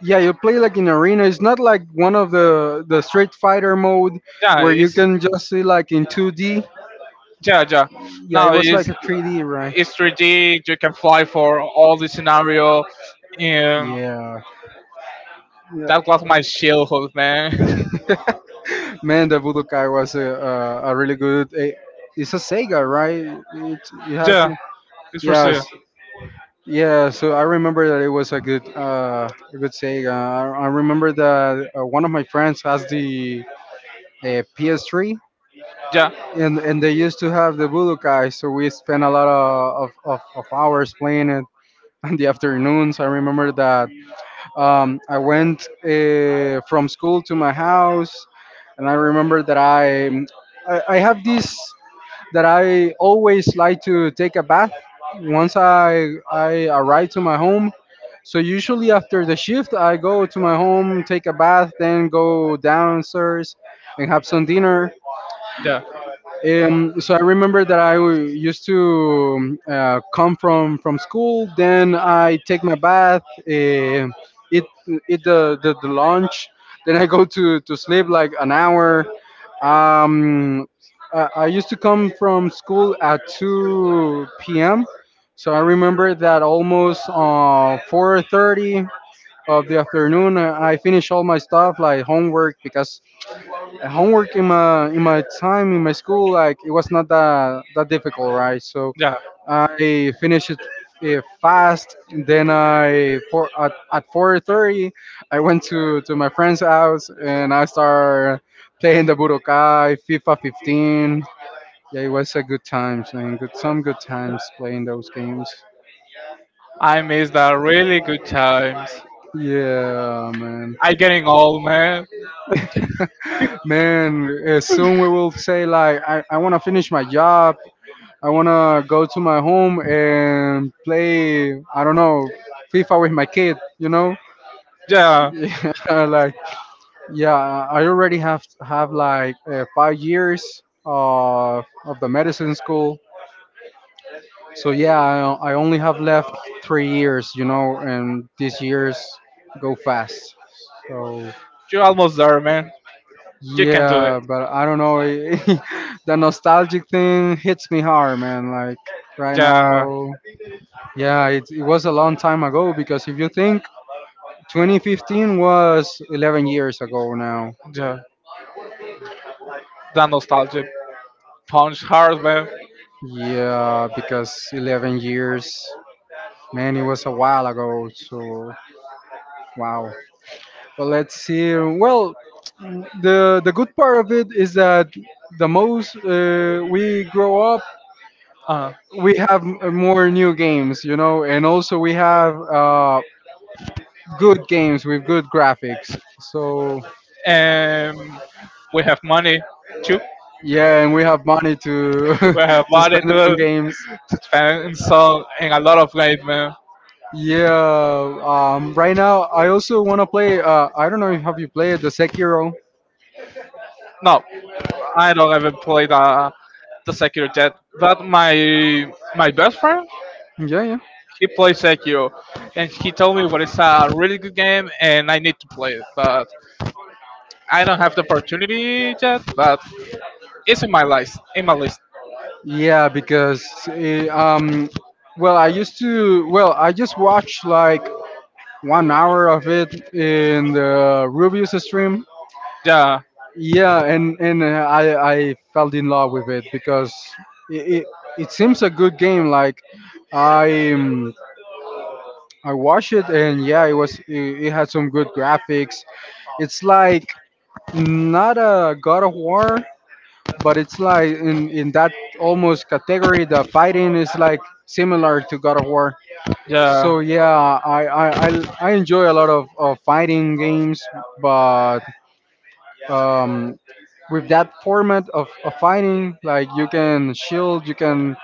Speaker 1: yeah, you play like in arena. It's not like one of the Street Fighter mode
Speaker 2: yeah.
Speaker 1: where you
Speaker 2: It's
Speaker 1: can just see like in 2D.
Speaker 2: yeah, yeah.
Speaker 1: Yeah, it
Speaker 2: Now
Speaker 1: was like a 3D, right?
Speaker 2: it's 3D. You can fly for all the scenario. And
Speaker 1: Yeah, yeah.
Speaker 2: that was my childhood, man.
Speaker 1: Man, the Budokai was a really good. It's a Sega, right? It has.
Speaker 2: Yeah, it's for sure.
Speaker 1: Yes. Yeah. So I remember that it was a good Sega. I remember that one of my friends has the, PS3,
Speaker 2: Yeah.
Speaker 1: and they used to have the Budokai. So we spent a lot of, of hours playing it in the afternoons. I remember that. I went from school to my house, and I remember that I have this, that I always like to take a bath once I arrive to my home. So usually after the shift, I go to my home, take a bath, then go downstairs and have some dinner.
Speaker 2: Yeah. Yeah.
Speaker 1: So I remember that I used to come from school. Then I take my bath, eat, eat the lunch. Then I go to sleep like an hour. Um, I used to come from school at two p.m. So I remember that almost 4:30 of the afternoon, I finish all my stuff, like homework, because homework in my, in my time in my school, like, it was not that difficult, right? So I finished it, fast, then I for at 4:30 I went to my friend's house and I started playing the Budokai, FIFA 15. Yeah, it was a good times, man. Good, some good times playing those games.
Speaker 2: I miss the really good times.
Speaker 1: Yeah, man.
Speaker 2: I getting old, man.
Speaker 1: Man, soon we will say like, I want to finish my job, I wanna go to my home and play, I don't know, FIFA with my kid, you know?
Speaker 2: Yeah.
Speaker 1: Yeah, like, yeah, I already have like 5 years of the medicine school. So yeah, I only have left 3 years. You know, and these years go fast. So,
Speaker 2: You're almost there, man. You can do it.
Speaker 1: yeah, but I don't know. The nostalgic thing hits me hard, man. Like, right
Speaker 2: Yeah.
Speaker 1: now. Yeah, it was a long time ago because if you think, 2015 was 11 years ago now.
Speaker 2: Yeah. The nostalgia. Punch hardware,
Speaker 1: Yeah, because 11 years, man, it was a while ago. So, wow. But let's see. Well, the good part of it is that the most, we grow up,
Speaker 2: uh,
Speaker 1: we have more new games, you know, and also we have good games with good graphics. So.
Speaker 2: and we have money too.
Speaker 1: Yeah, and we have money to
Speaker 2: We have
Speaker 1: to
Speaker 2: money
Speaker 1: spend it on
Speaker 2: to
Speaker 1: games.
Speaker 2: spend, so in a lot of ways, man.
Speaker 1: Yeah. Right now, I also want to play. I don't know if have you played the Sekiro.
Speaker 2: No, I don't even play the Sekiro yet, but my best friend
Speaker 1: Yeah. Yeah.
Speaker 2: he plays Sekiro, and he told me what is a really good game, and I need to play it, but I don't have the opportunity yet. But it's in my list, in my list.
Speaker 1: Yeah. Because eh, um. Well, I used to. Well, I just watched like 1 hour of it in the Rubius stream.
Speaker 2: Yeah,
Speaker 1: Yeah, and I fell in love with it because it it, it seems a good game. Like, I I watched it and yeah, it was, it had some good graphics. It's like not a God of War, but it's like in that almost category. The fighting is like similar to God of War.
Speaker 2: yeah,
Speaker 1: So yeah, I enjoy a lot of fighting games, but um, with that format of fighting, like you can shield, you can,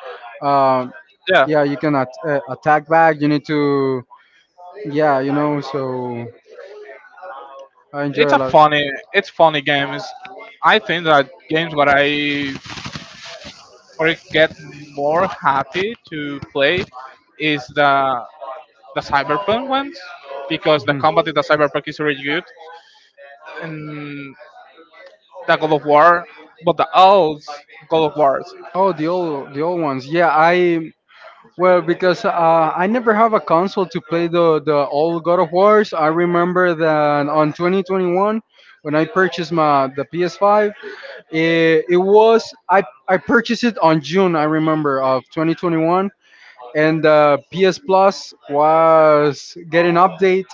Speaker 1: uh,
Speaker 2: yeah.
Speaker 1: yeah, you can attack back. You need to, yeah, you know, so I
Speaker 2: It's
Speaker 1: enjoy a
Speaker 2: a
Speaker 1: lot.
Speaker 2: funny, it's funny games. I think that games what I get more happy to play is the cyberpunk ones because the
Speaker 1: Mhm.
Speaker 2: combat in the cyberpunk is really good and the God of War, but the old God of Wars.
Speaker 1: Oh, the old, the old ones. Yeah, I, well, because I never have a console to play the old God of Wars. I remember that on 2021 when I purchased my the PS5, it, it was, I purchased it on June. I remember, of 2021, and PS Plus was getting update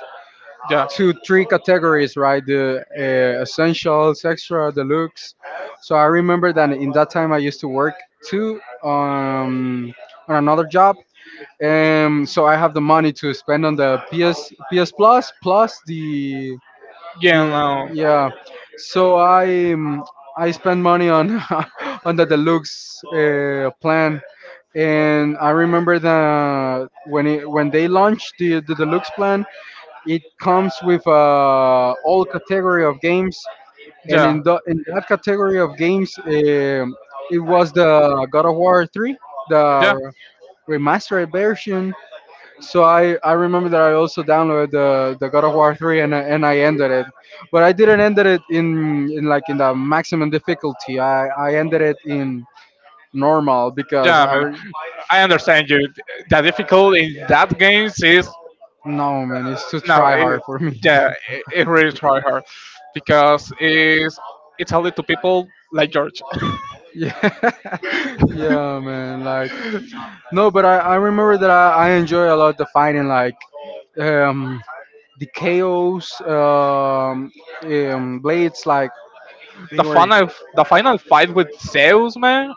Speaker 2: Yeah.
Speaker 1: to three categories, right? The essentials, extra, deluxe. So I remember that in that time I used to work too, on another job, and so I have the money to spend on the PS Plus plus
Speaker 2: Yeah,
Speaker 1: the,
Speaker 2: no.
Speaker 1: yeah. So I spend money on on the deluxe plan, and I remember that when it, when they launched the deluxe plan, it comes with all category of games, and
Speaker 2: Yeah,
Speaker 1: in the, in that category of games, it was the God of War three,
Speaker 2: yeah,
Speaker 1: the remastered version. So I remember that I also downloaded the God of War three, and I ended it, but I didn't end it in, like, in the maximum difficulty. I ended it in normal because
Speaker 2: yeah, man. I understand you. The difficult in that games is
Speaker 1: no, man, it's too
Speaker 2: no,
Speaker 1: try
Speaker 2: it,
Speaker 1: hard for me.
Speaker 2: yeah, it really try hard because it's only to people like George.
Speaker 1: Yeah, yeah, man. Like, no, but I remember that I enjoy a lot the fighting, like, um, the chaos, blades, like, they
Speaker 2: the
Speaker 1: were,
Speaker 2: final the final fight with Zeus, man,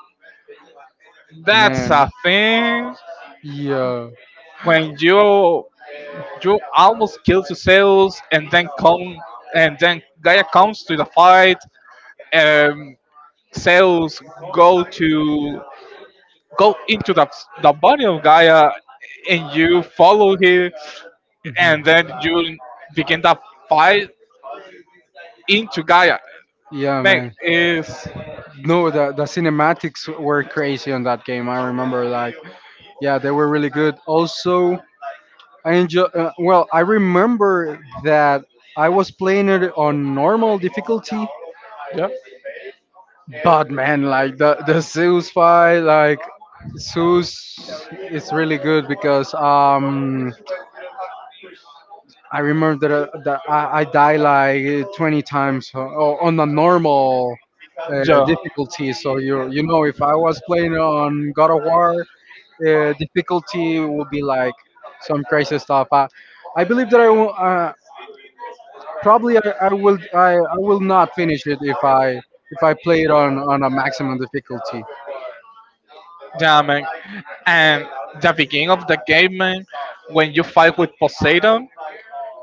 Speaker 2: that's
Speaker 1: man,
Speaker 2: a thing.
Speaker 1: yeah.
Speaker 2: When you almost kill Zeus and then come and then Gaia comes to the fight, um, Zeus go to go into the body of Gaia and you follow him
Speaker 1: Mhm.
Speaker 2: and then you begin the fight into Gaia.
Speaker 1: Yeah,
Speaker 2: Man,
Speaker 1: man.
Speaker 2: is
Speaker 1: No, the cinematics were crazy on that game. I remember, like, yeah, they were really good. Also, I enjoy. Well, I remember that I was playing it on normal difficulty,
Speaker 2: yeah,
Speaker 1: but man, like the Zeus fight, like, Zeus is really good because I remember that, that I die like 20 times on the normal uh, difficulty. So you know, if I was playing on God of War difficulty, will be like some crazy stuff. I
Speaker 2: yeah.
Speaker 1: believe that I will probably I will not finish it if I play it on a maximum difficulty.
Speaker 2: Damn. And the beginning of the game, man, when you fight with Poseidon,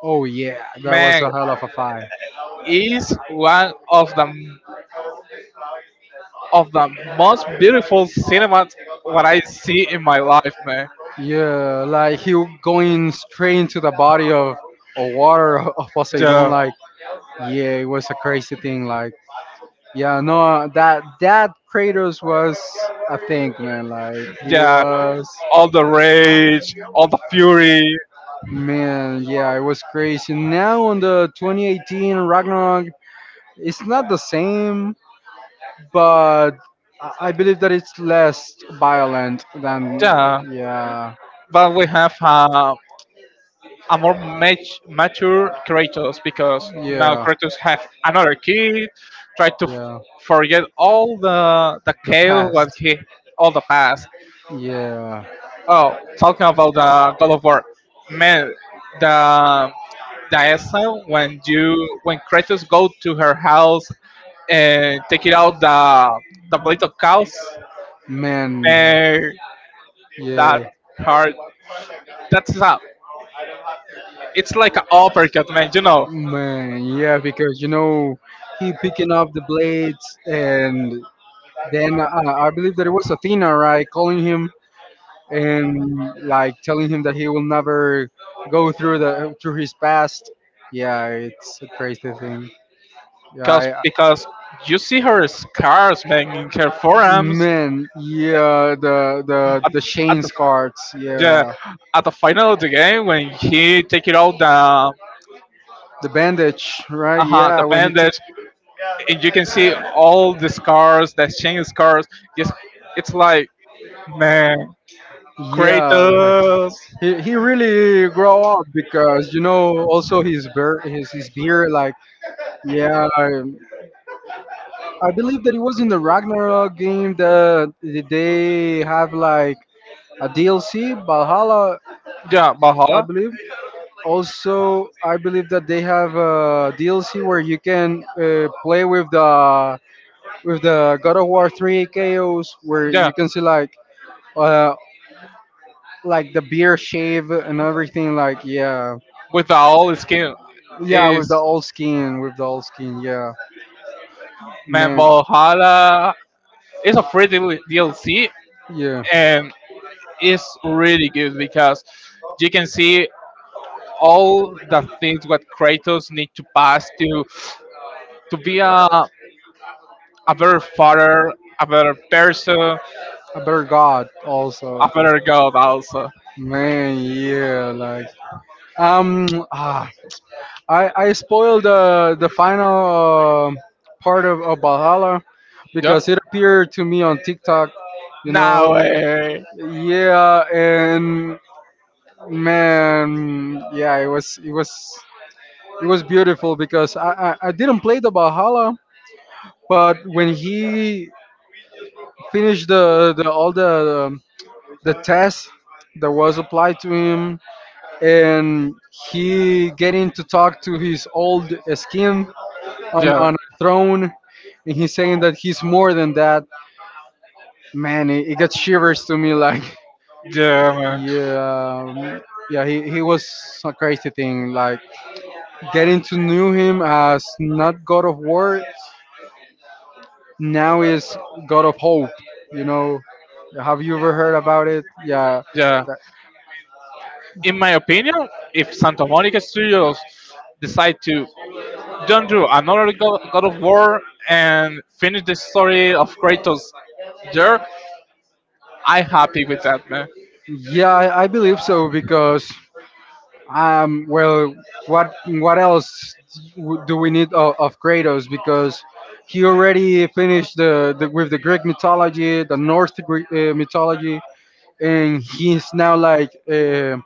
Speaker 1: Oh yeah, that was
Speaker 2: man,
Speaker 1: a hell of a fight.
Speaker 2: is one of the most beautiful cinemas what I see in my life, man.
Speaker 1: Yeah, like he going straight into the body of water of Poseidon.
Speaker 2: Yeah.
Speaker 1: Yeah, it was a crazy thing. Like, yeah, no, that Kratos was a thing, man. Like he
Speaker 2: Yeah,
Speaker 1: was,
Speaker 2: all the rage, all the fury.
Speaker 1: man. Yeah, it was crazy. Now on the 2018 Ragnarok, it's not the same, but I believe that it's less violent than.
Speaker 2: Yeah,
Speaker 1: Yeah,
Speaker 2: but we have a more mature Kratos because now
Speaker 1: yeah,
Speaker 2: Kratos have another kid, try to
Speaker 1: yeah.
Speaker 2: forget all the chaos what
Speaker 1: Past.
Speaker 2: he all the past.
Speaker 1: Yeah.
Speaker 2: Oh, talking about the God of War, man, the the essence when you when Kratos go to her house and take it out the plate of cows,
Speaker 1: Man.
Speaker 2: man, that
Speaker 1: Yeah.
Speaker 2: part that's a it's like an uppercut, man. You know,
Speaker 1: Man, yeah, because he picking up the blades, and then I believe that it was Athena, right, calling him and like telling him that he will never go through the through his past. Yeah, it's a crazy thing.
Speaker 2: cause
Speaker 1: Yeah,
Speaker 2: because you see her scars, man, in her
Speaker 1: I,
Speaker 2: forearms
Speaker 1: man. Yeah, the
Speaker 2: at
Speaker 1: Shane cards.
Speaker 2: the
Speaker 1: Yeah,
Speaker 2: at the final of the game when he take it out
Speaker 1: the bandage, right? Yeah,
Speaker 2: the
Speaker 1: when he took.
Speaker 2: bandage and you can see all the scars, the chain scars. Just it's like man,
Speaker 1: Yeah, like
Speaker 2: Kratos.
Speaker 1: he really grow up because also his beard, his beard like yeah, I believe that it was in the Ragnarok game that they have like a DLC Valhalla.
Speaker 2: Yeah,
Speaker 1: I
Speaker 2: Valhalla.
Speaker 1: believe I believe that they have a DLC where you can play with the God of War 3 KOs where
Speaker 2: Yeah,
Speaker 1: you can see uh like the beer shave and everything, like yeah.
Speaker 2: with the all skin
Speaker 1: Yeah, with
Speaker 2: is
Speaker 1: the old skin, with the old skin. Yeah,
Speaker 2: man
Speaker 1: man.
Speaker 2: Valhalla. It's a free DLC
Speaker 1: Yeah.
Speaker 2: and it's really good because you can see all the things what Kratos need to pass to be a better father, a better person, a
Speaker 1: A better God also.
Speaker 2: better God also.
Speaker 1: Man, yeah, like um, ah, I spoiled the final part of Valhalla
Speaker 2: Yeah.
Speaker 1: because it appeared to me on TikTok. You know,
Speaker 2: No
Speaker 1: yeah, and man, yeah, it was beautiful because I didn't play the Valhalla, but when he finished the all the tests that was applied to him, and
Speaker 2: way.
Speaker 1: he getting to talk to his old skin on
Speaker 2: Yeah.
Speaker 1: on a throne, and he's saying that he's more than that. Man, it gets shivers to me. Like,
Speaker 2: Yeah, man.
Speaker 1: yeah, yeah, he was a crazy thing. Like, getting to know him as not God of War, now is God of Hope. You know, have you ever heard about it? Yeah,
Speaker 2: Yeah.
Speaker 1: that-
Speaker 2: In my opinion, if Santa Monica Studios decide to don't do another God of War and finish the story of Kratos there, I'm happy with that, man.
Speaker 1: yeah, I believe so. Because, well, what else do we need of Kratos? Because he already finished the with the Greek mythology, the North Greek mythology, and he's now like,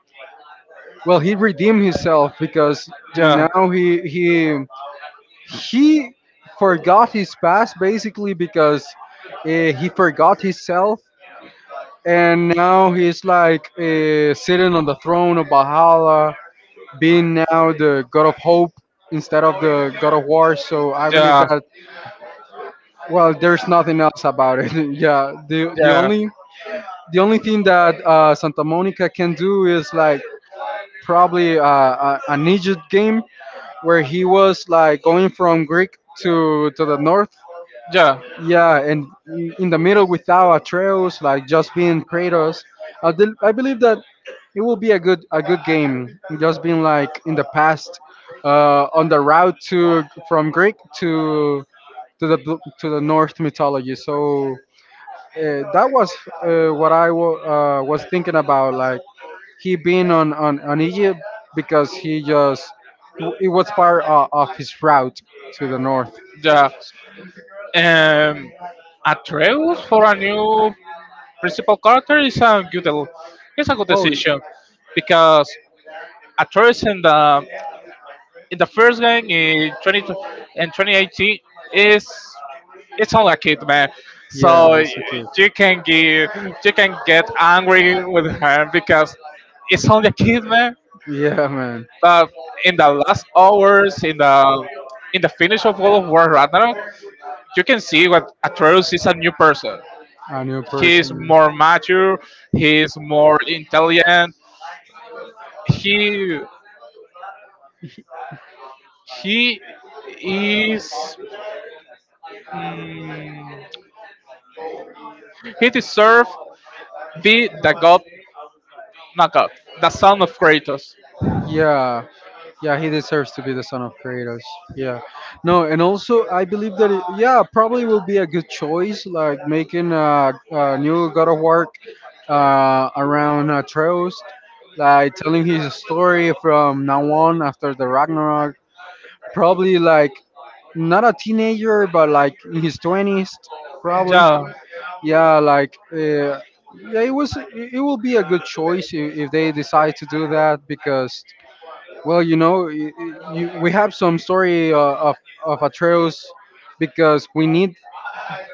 Speaker 1: well, he redeemed himself because
Speaker 2: Yeah.
Speaker 1: now he forgot his past basically because he forgot himself, and now he's like sitting on the throne of Valhalla, being now the god of hope instead of the god of war. So I believe
Speaker 2: Yeah,
Speaker 1: that, well, there's nothing else about it. Yeah, the only thing that Santa Monica can do is like probably a ninja game where he was like going from Greek to the north.
Speaker 2: yeah,
Speaker 1: Yeah, and in the middle without trails, like just being Kratos. I believe that it will be a good game. Just being
Speaker 2: yeah,
Speaker 1: like in the past, on the route to from Greek to the North mythology. So that was what I was thinking about, like he being on Egypt because he just, it was part of his route to the North.
Speaker 2: rap. Yeah. Um,
Speaker 1: Actually,
Speaker 2: Atreus for a new principal character is a good decision because Atreus and the in the first game in 20 in 2018 is it's all a kid man so
Speaker 1: yeah, it's okay. They can.
Speaker 2: you can give you can get angry with him because it's only a kid man
Speaker 1: It's. Yeah, man, but in
Speaker 2: but
Speaker 1: the.
Speaker 2: in the last hours in the finish of World of War Ragnarok you can see what Atreus is a new person,
Speaker 1: A new
Speaker 2: he's
Speaker 1: who.
Speaker 2: more mature, he's more intelligent, he he is, mm, he deserves be the god, not God, the son of Kratos.
Speaker 1: Yeah, yeah, he deserves to be the son of Kratos. Yeah, no, and also I believe that it, yeah, probably will be a good choice, like making a new God of War around Atreus, like telling his story from now on after the Ragnarok. Probably like not a teenager, but like in his twenties, probably. Yeah, like yeah, it was. It will be a good choice if they decide to do that because, well, we have some story of Atreus because we need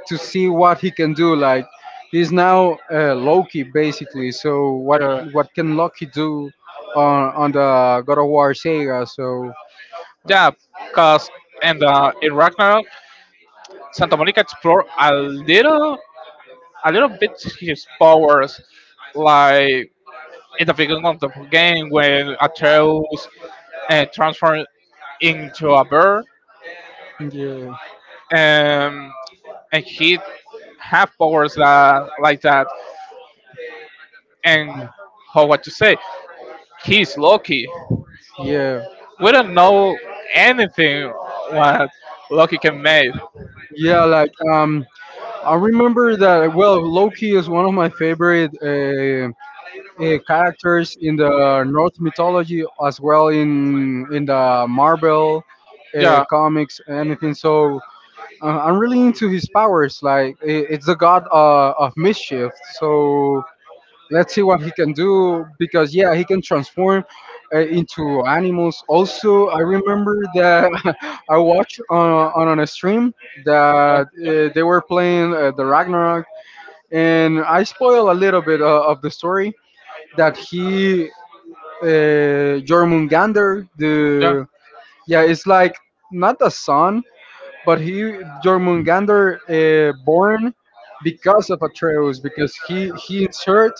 Speaker 1: to see what he can do. Like
Speaker 2: Yeah.
Speaker 1: he's now Loki basically. So what
Speaker 2: Uh,
Speaker 1: what can Loki do on the God of War saga? So
Speaker 2: yeah, because in the in Ragnarok, Santa Monica explore a little bit his powers, like in the beginning of the game when Atreus transformed into a bird,
Speaker 1: yeah. And
Speaker 2: and and he have powers that, like that. And how what to say? He's Loki.
Speaker 1: yeah.
Speaker 2: We don't know anything what Loki can make.
Speaker 1: Yeah, like I remember that. Well, Loki is one of my favorite characters in the Norse mythology, as well in the Marvel
Speaker 2: Yeah, yeah.
Speaker 1: comics, anything. So I'm really into his powers. Like, it's the god of mischief. So let's see what he can do because yeah, he can transform into animals. Also, I remember that I watched on a stream that they were playing the Ragnarok, and I spoil a little bit of the story that he, Jormungandr, the, yeah, it's like not the sun but he Jormungandr born because of Atreus, because he insert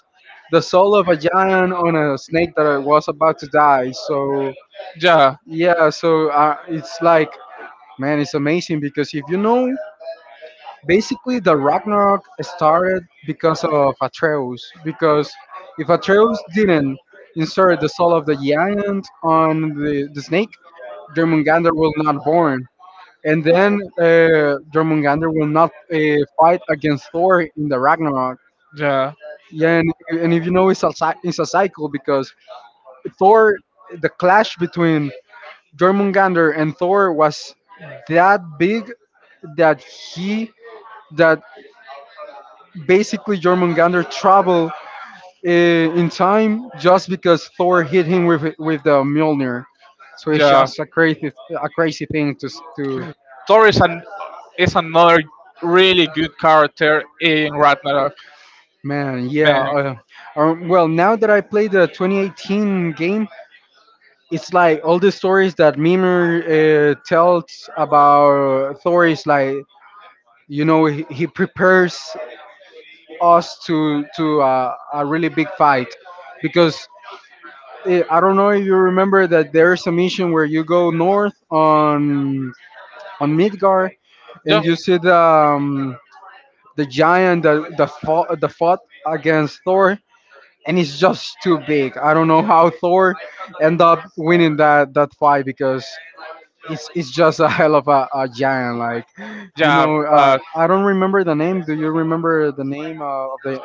Speaker 1: the soul of a giant on a snake that was about to die. So
Speaker 2: Yeah,
Speaker 1: yeah, so it's like, man, it's amazing because if you know, basically the Ragnarok started because of Atreus because if Atreus didn't insert the soul of the giant on the snake, Jormungandr will not born. And then Jormungandr will not fight against Thor in the Ragnarok.
Speaker 2: yeah, yeah,
Speaker 1: Yeah, and if you know, it's a cycle because Thor, the clash between Jormungandr and Thor was that big that that basically Jormungandr traveled in time just because Thor hit him with the Mjolnir. So it's
Speaker 2: yeah.
Speaker 1: just a crazy thing to.
Speaker 2: Thor is an is another really good character in Ragnarok.
Speaker 1: Man, yeah.
Speaker 2: Man,
Speaker 1: Well, now that I played the 2018 game, it's like all the stories that Mimir tells about Thor is like, he prepares us to a really big fight because, I don't know if you remember that there's a mission where you go north on Midgard and you see the giant that the fought against Thor, and it's just too big. I don't know how Thor end up winning that fight because it's just a hell of a giant. Like,
Speaker 2: yeah, but
Speaker 1: I don't remember the name. Do you remember the name of the.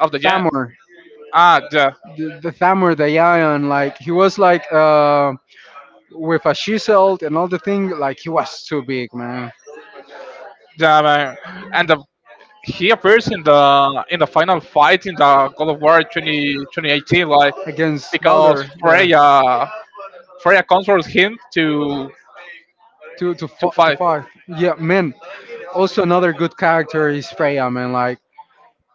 Speaker 2: of the jam.
Speaker 1: Thamur?
Speaker 2: Ah,
Speaker 1: The Thamur, the giant. Like he was like with a shield and all the thing. Like he was too big, man.
Speaker 2: the and the he appears in the final fight in the God of War 202018, like
Speaker 1: Against
Speaker 2: because
Speaker 1: Balder, yeah,
Speaker 2: Freya Freya controls him
Speaker 1: to to
Speaker 2: to
Speaker 1: fo- to
Speaker 2: fight.
Speaker 1: fight. Yeah, man. Also, another good character is Freya, man. Like,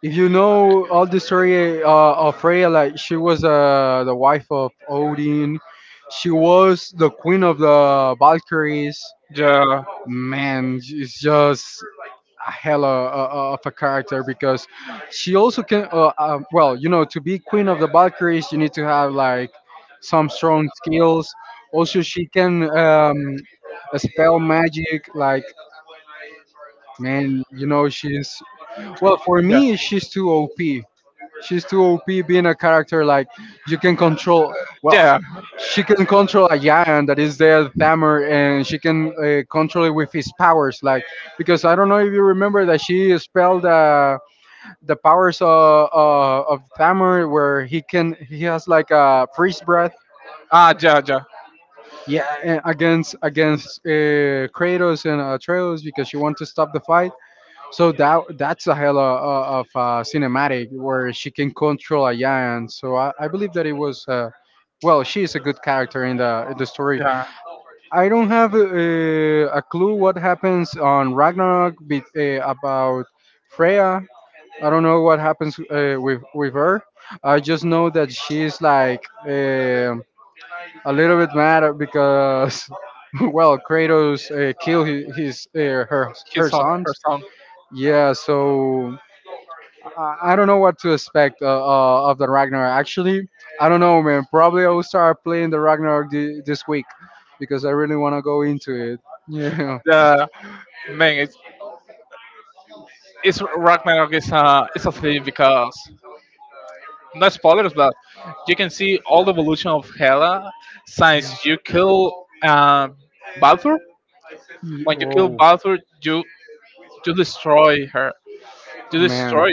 Speaker 1: if you know all the story of Freya, like she was the wife of Odin, she was the queen of the Valkyries.
Speaker 2: Yeah.
Speaker 1: Man, it's just a hell of a character because she also can. Well, to be queen of the Valkyries, you need to have like some strong skills. Also, she can spell magic. Like, man, she's, well, for me, she's too OP. She's too OP being a character like you can control. Well,
Speaker 2: Yeah. Yeah.
Speaker 1: she can control a giant that is there, Thammer, and she can control it with his powers. Like, because I don't know if you remember that she spelled the powers of Thammer, where he has like a freeze breath.
Speaker 2: Ah, ja, ja.
Speaker 1: Yeah, and against Kratos and Atreus because she wanted to stop the fight, so that that's a hell of cinematic where she can control a giant. So I believe that it was, well, she is a good character in the story.
Speaker 2: Yeah.
Speaker 1: I don't have a clue what happens on Ragnarok, about Freya. I don't know what happens with her. I just know that she's like a little bit mad because, well, Kratos killed his her
Speaker 2: His
Speaker 1: her
Speaker 2: song, her
Speaker 1: sons.
Speaker 2: song.
Speaker 1: Yeah, so I don't know what to expect of the Ragnarok. Actually, I don't know, man. Probably I will start playing the Ragnarok this week because I really want to go into it. Yeah.
Speaker 2: The man, it's Ragnarok is a thing because no spoilers, but you can see all the evolution of Hela since you kill uh, Baldur when you kill
Speaker 1: Oh
Speaker 2: Balthor, you destroy her. You
Speaker 1: man.
Speaker 2: destroy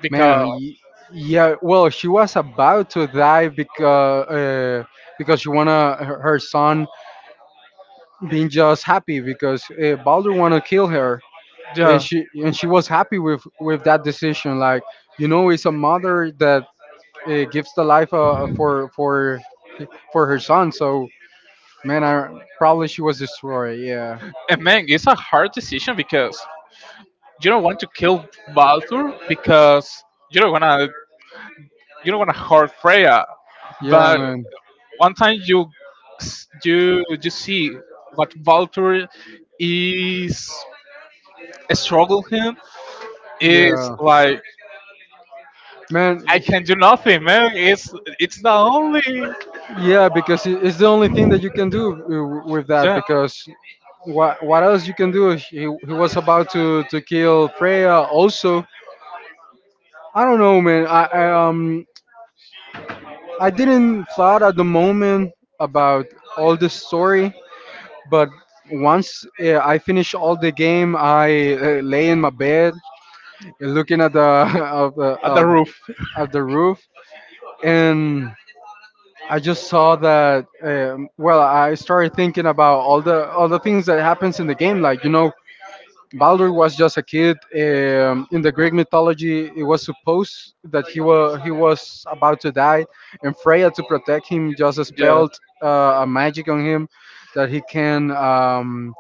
Speaker 2: because
Speaker 1: Man. Yeah. Well, she was about to die because she wanna her son being just happy because Baldur wanna kill her, and
Speaker 2: yeah,
Speaker 1: she was happy with that decision, like it's a mother that gives the life for her son. So, man, I probably she was destroyed. Yeah.
Speaker 2: and man, it's a hard decision because you don't want to kill Balthor because you don't wanna you don't wanna hurt Freya,
Speaker 1: Yeah,
Speaker 2: but
Speaker 1: man.
Speaker 2: one time you you you see what Valtteri is struggle him is
Speaker 1: Yeah,
Speaker 2: like
Speaker 1: man.
Speaker 2: I can do nothing, man. It's the only
Speaker 1: Yeah, because it's the only thing that you can do with that.
Speaker 2: yeah.
Speaker 1: Because what else you can do? He was about to kill Freya. Also, I don't know, man. I didn't thought at the moment about all the story, but once I finished all the game, I lay in my bed looking at the of the
Speaker 2: At the
Speaker 1: of,
Speaker 2: roof.
Speaker 1: of the roof and. I just saw that. Well, I started thinking about all the things that happens in the game. Like, Baldur was just a kid. In the Greek mythology, it was supposed that he was about to die, and Freya, to protect him, just
Speaker 2: Yeah.
Speaker 1: spelled a magic on him that he can.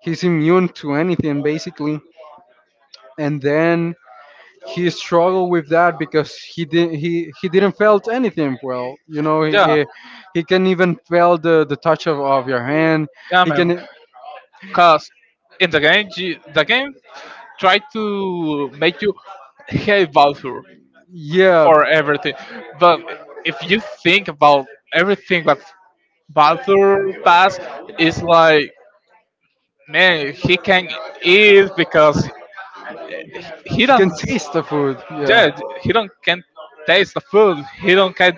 Speaker 1: He's immune to anything basically. And then he struggled with that because he didn't felt anything. Well,
Speaker 2: Yeah.
Speaker 1: he can even feel the touch of your hand.
Speaker 2: Yeah,
Speaker 1: He
Speaker 2: man.
Speaker 1: can.
Speaker 2: Cause in the game, you- the game try to make you hate Valthur
Speaker 1: Yeah,
Speaker 2: for everything. But if you think about everything that Baldur does, it's like man, he can eat because he
Speaker 1: he
Speaker 2: don't
Speaker 1: can taste the food. Yeah,
Speaker 2: yeah, he don't can taste the food. He don't can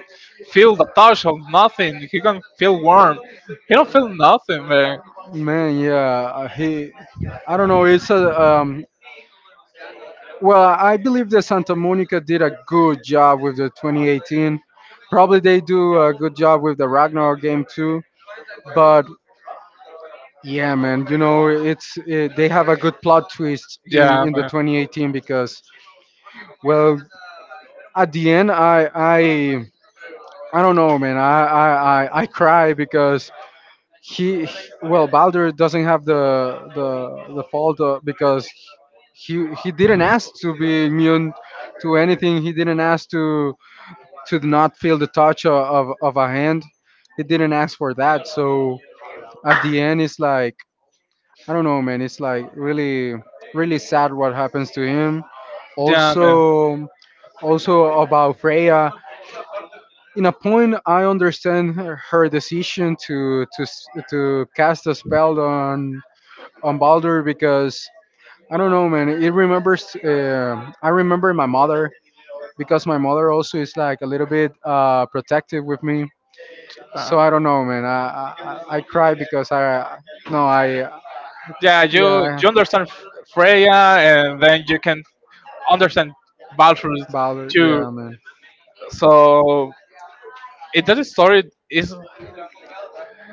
Speaker 2: feel the touch of nothing. He can feel warm. He don't feel nothing, man.
Speaker 1: man. Yeah, he I don't know. It's a, well, I believe that Santa Monica did a good job with the 2018. Probably they do a good job with the Ragnarok game too. But yeah, man, they have a good plot twist
Speaker 2: Yeah.
Speaker 1: in the 2018 because, well, at the end, I don't know, man. I cry because well, Baldur doesn't have the fault because he didn't ask to be immune to anything. He didn't ask to not feel the touch of a hand. He didn't ask for that. So at the end, it's like, I don't know, man. It's like really, really sad what happens to him.
Speaker 2: Yeah,
Speaker 1: Also, also about Freya. In a point, I understand her decision to cast a spell on Baldur because I don't know, man. It remembers. I remember my
Speaker 2: do
Speaker 1: mother, because my mother also is like a little bit protective with me.
Speaker 2: Uh,
Speaker 1: So I don't know, man. I cry because I. No. I.
Speaker 2: yeah,
Speaker 1: Yeah.
Speaker 2: you you understand Freya, and then you can understand Balthus
Speaker 1: Baldur,
Speaker 2: too.
Speaker 1: yeah, man.
Speaker 2: So it
Speaker 1: It
Speaker 2: doesn't
Speaker 1: doesn't.
Speaker 2: story is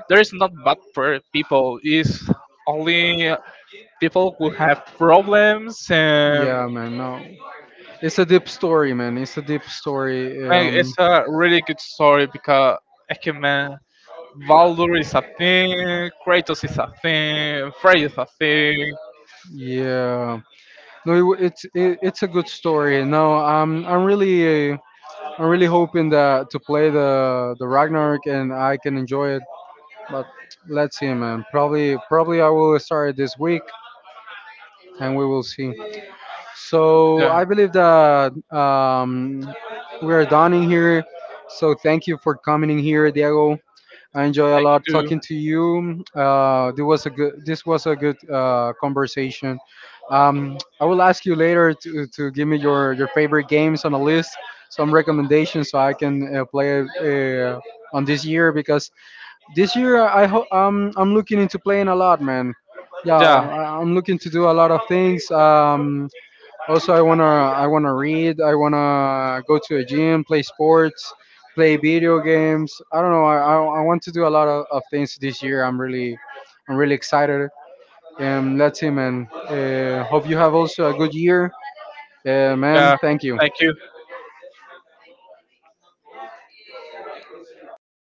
Speaker 2: there is not bad per people. It's only people who have problems and
Speaker 1: Yeah, man. No, it's a deep story, man. It's a deep story. Yeah.
Speaker 2: like,
Speaker 1: Um,
Speaker 2: it's a really good story because Ekeman
Speaker 1: it's.
Speaker 2: Valdur is a thing, Kratos is a thing, Frey is a
Speaker 1: Yeah. No, it, w- it's it, it's a good story. No, I'm really hoping that to play the Ragnarok, and I can enjoy it. But let's see, man. Probably I will start it this
Speaker 2: thing.
Speaker 1: week, and we will see. So
Speaker 2: Yeah.
Speaker 1: I believe that, we are done in here. So thank you for coming in here, Diego. I enjoy a
Speaker 2: You
Speaker 1: lot talking
Speaker 2: do.
Speaker 1: to you. This was a good conversation. I will ask you later to give me your favorite games on a list, some recommendations so I can play it on this year, because this year, I hope I'm looking into playing a lot, man. Yeah,
Speaker 2: Yeah.
Speaker 1: I'm looking to do a lot of things. Also, I wanna read. I wanna go to a gym, play sports, play video games. I don't know. I want to do a lot of things this year. I'm really excited. Let's see, man. Hope you have also a good year, man.
Speaker 2: Yeah,
Speaker 1: Thank you.
Speaker 2: thank you.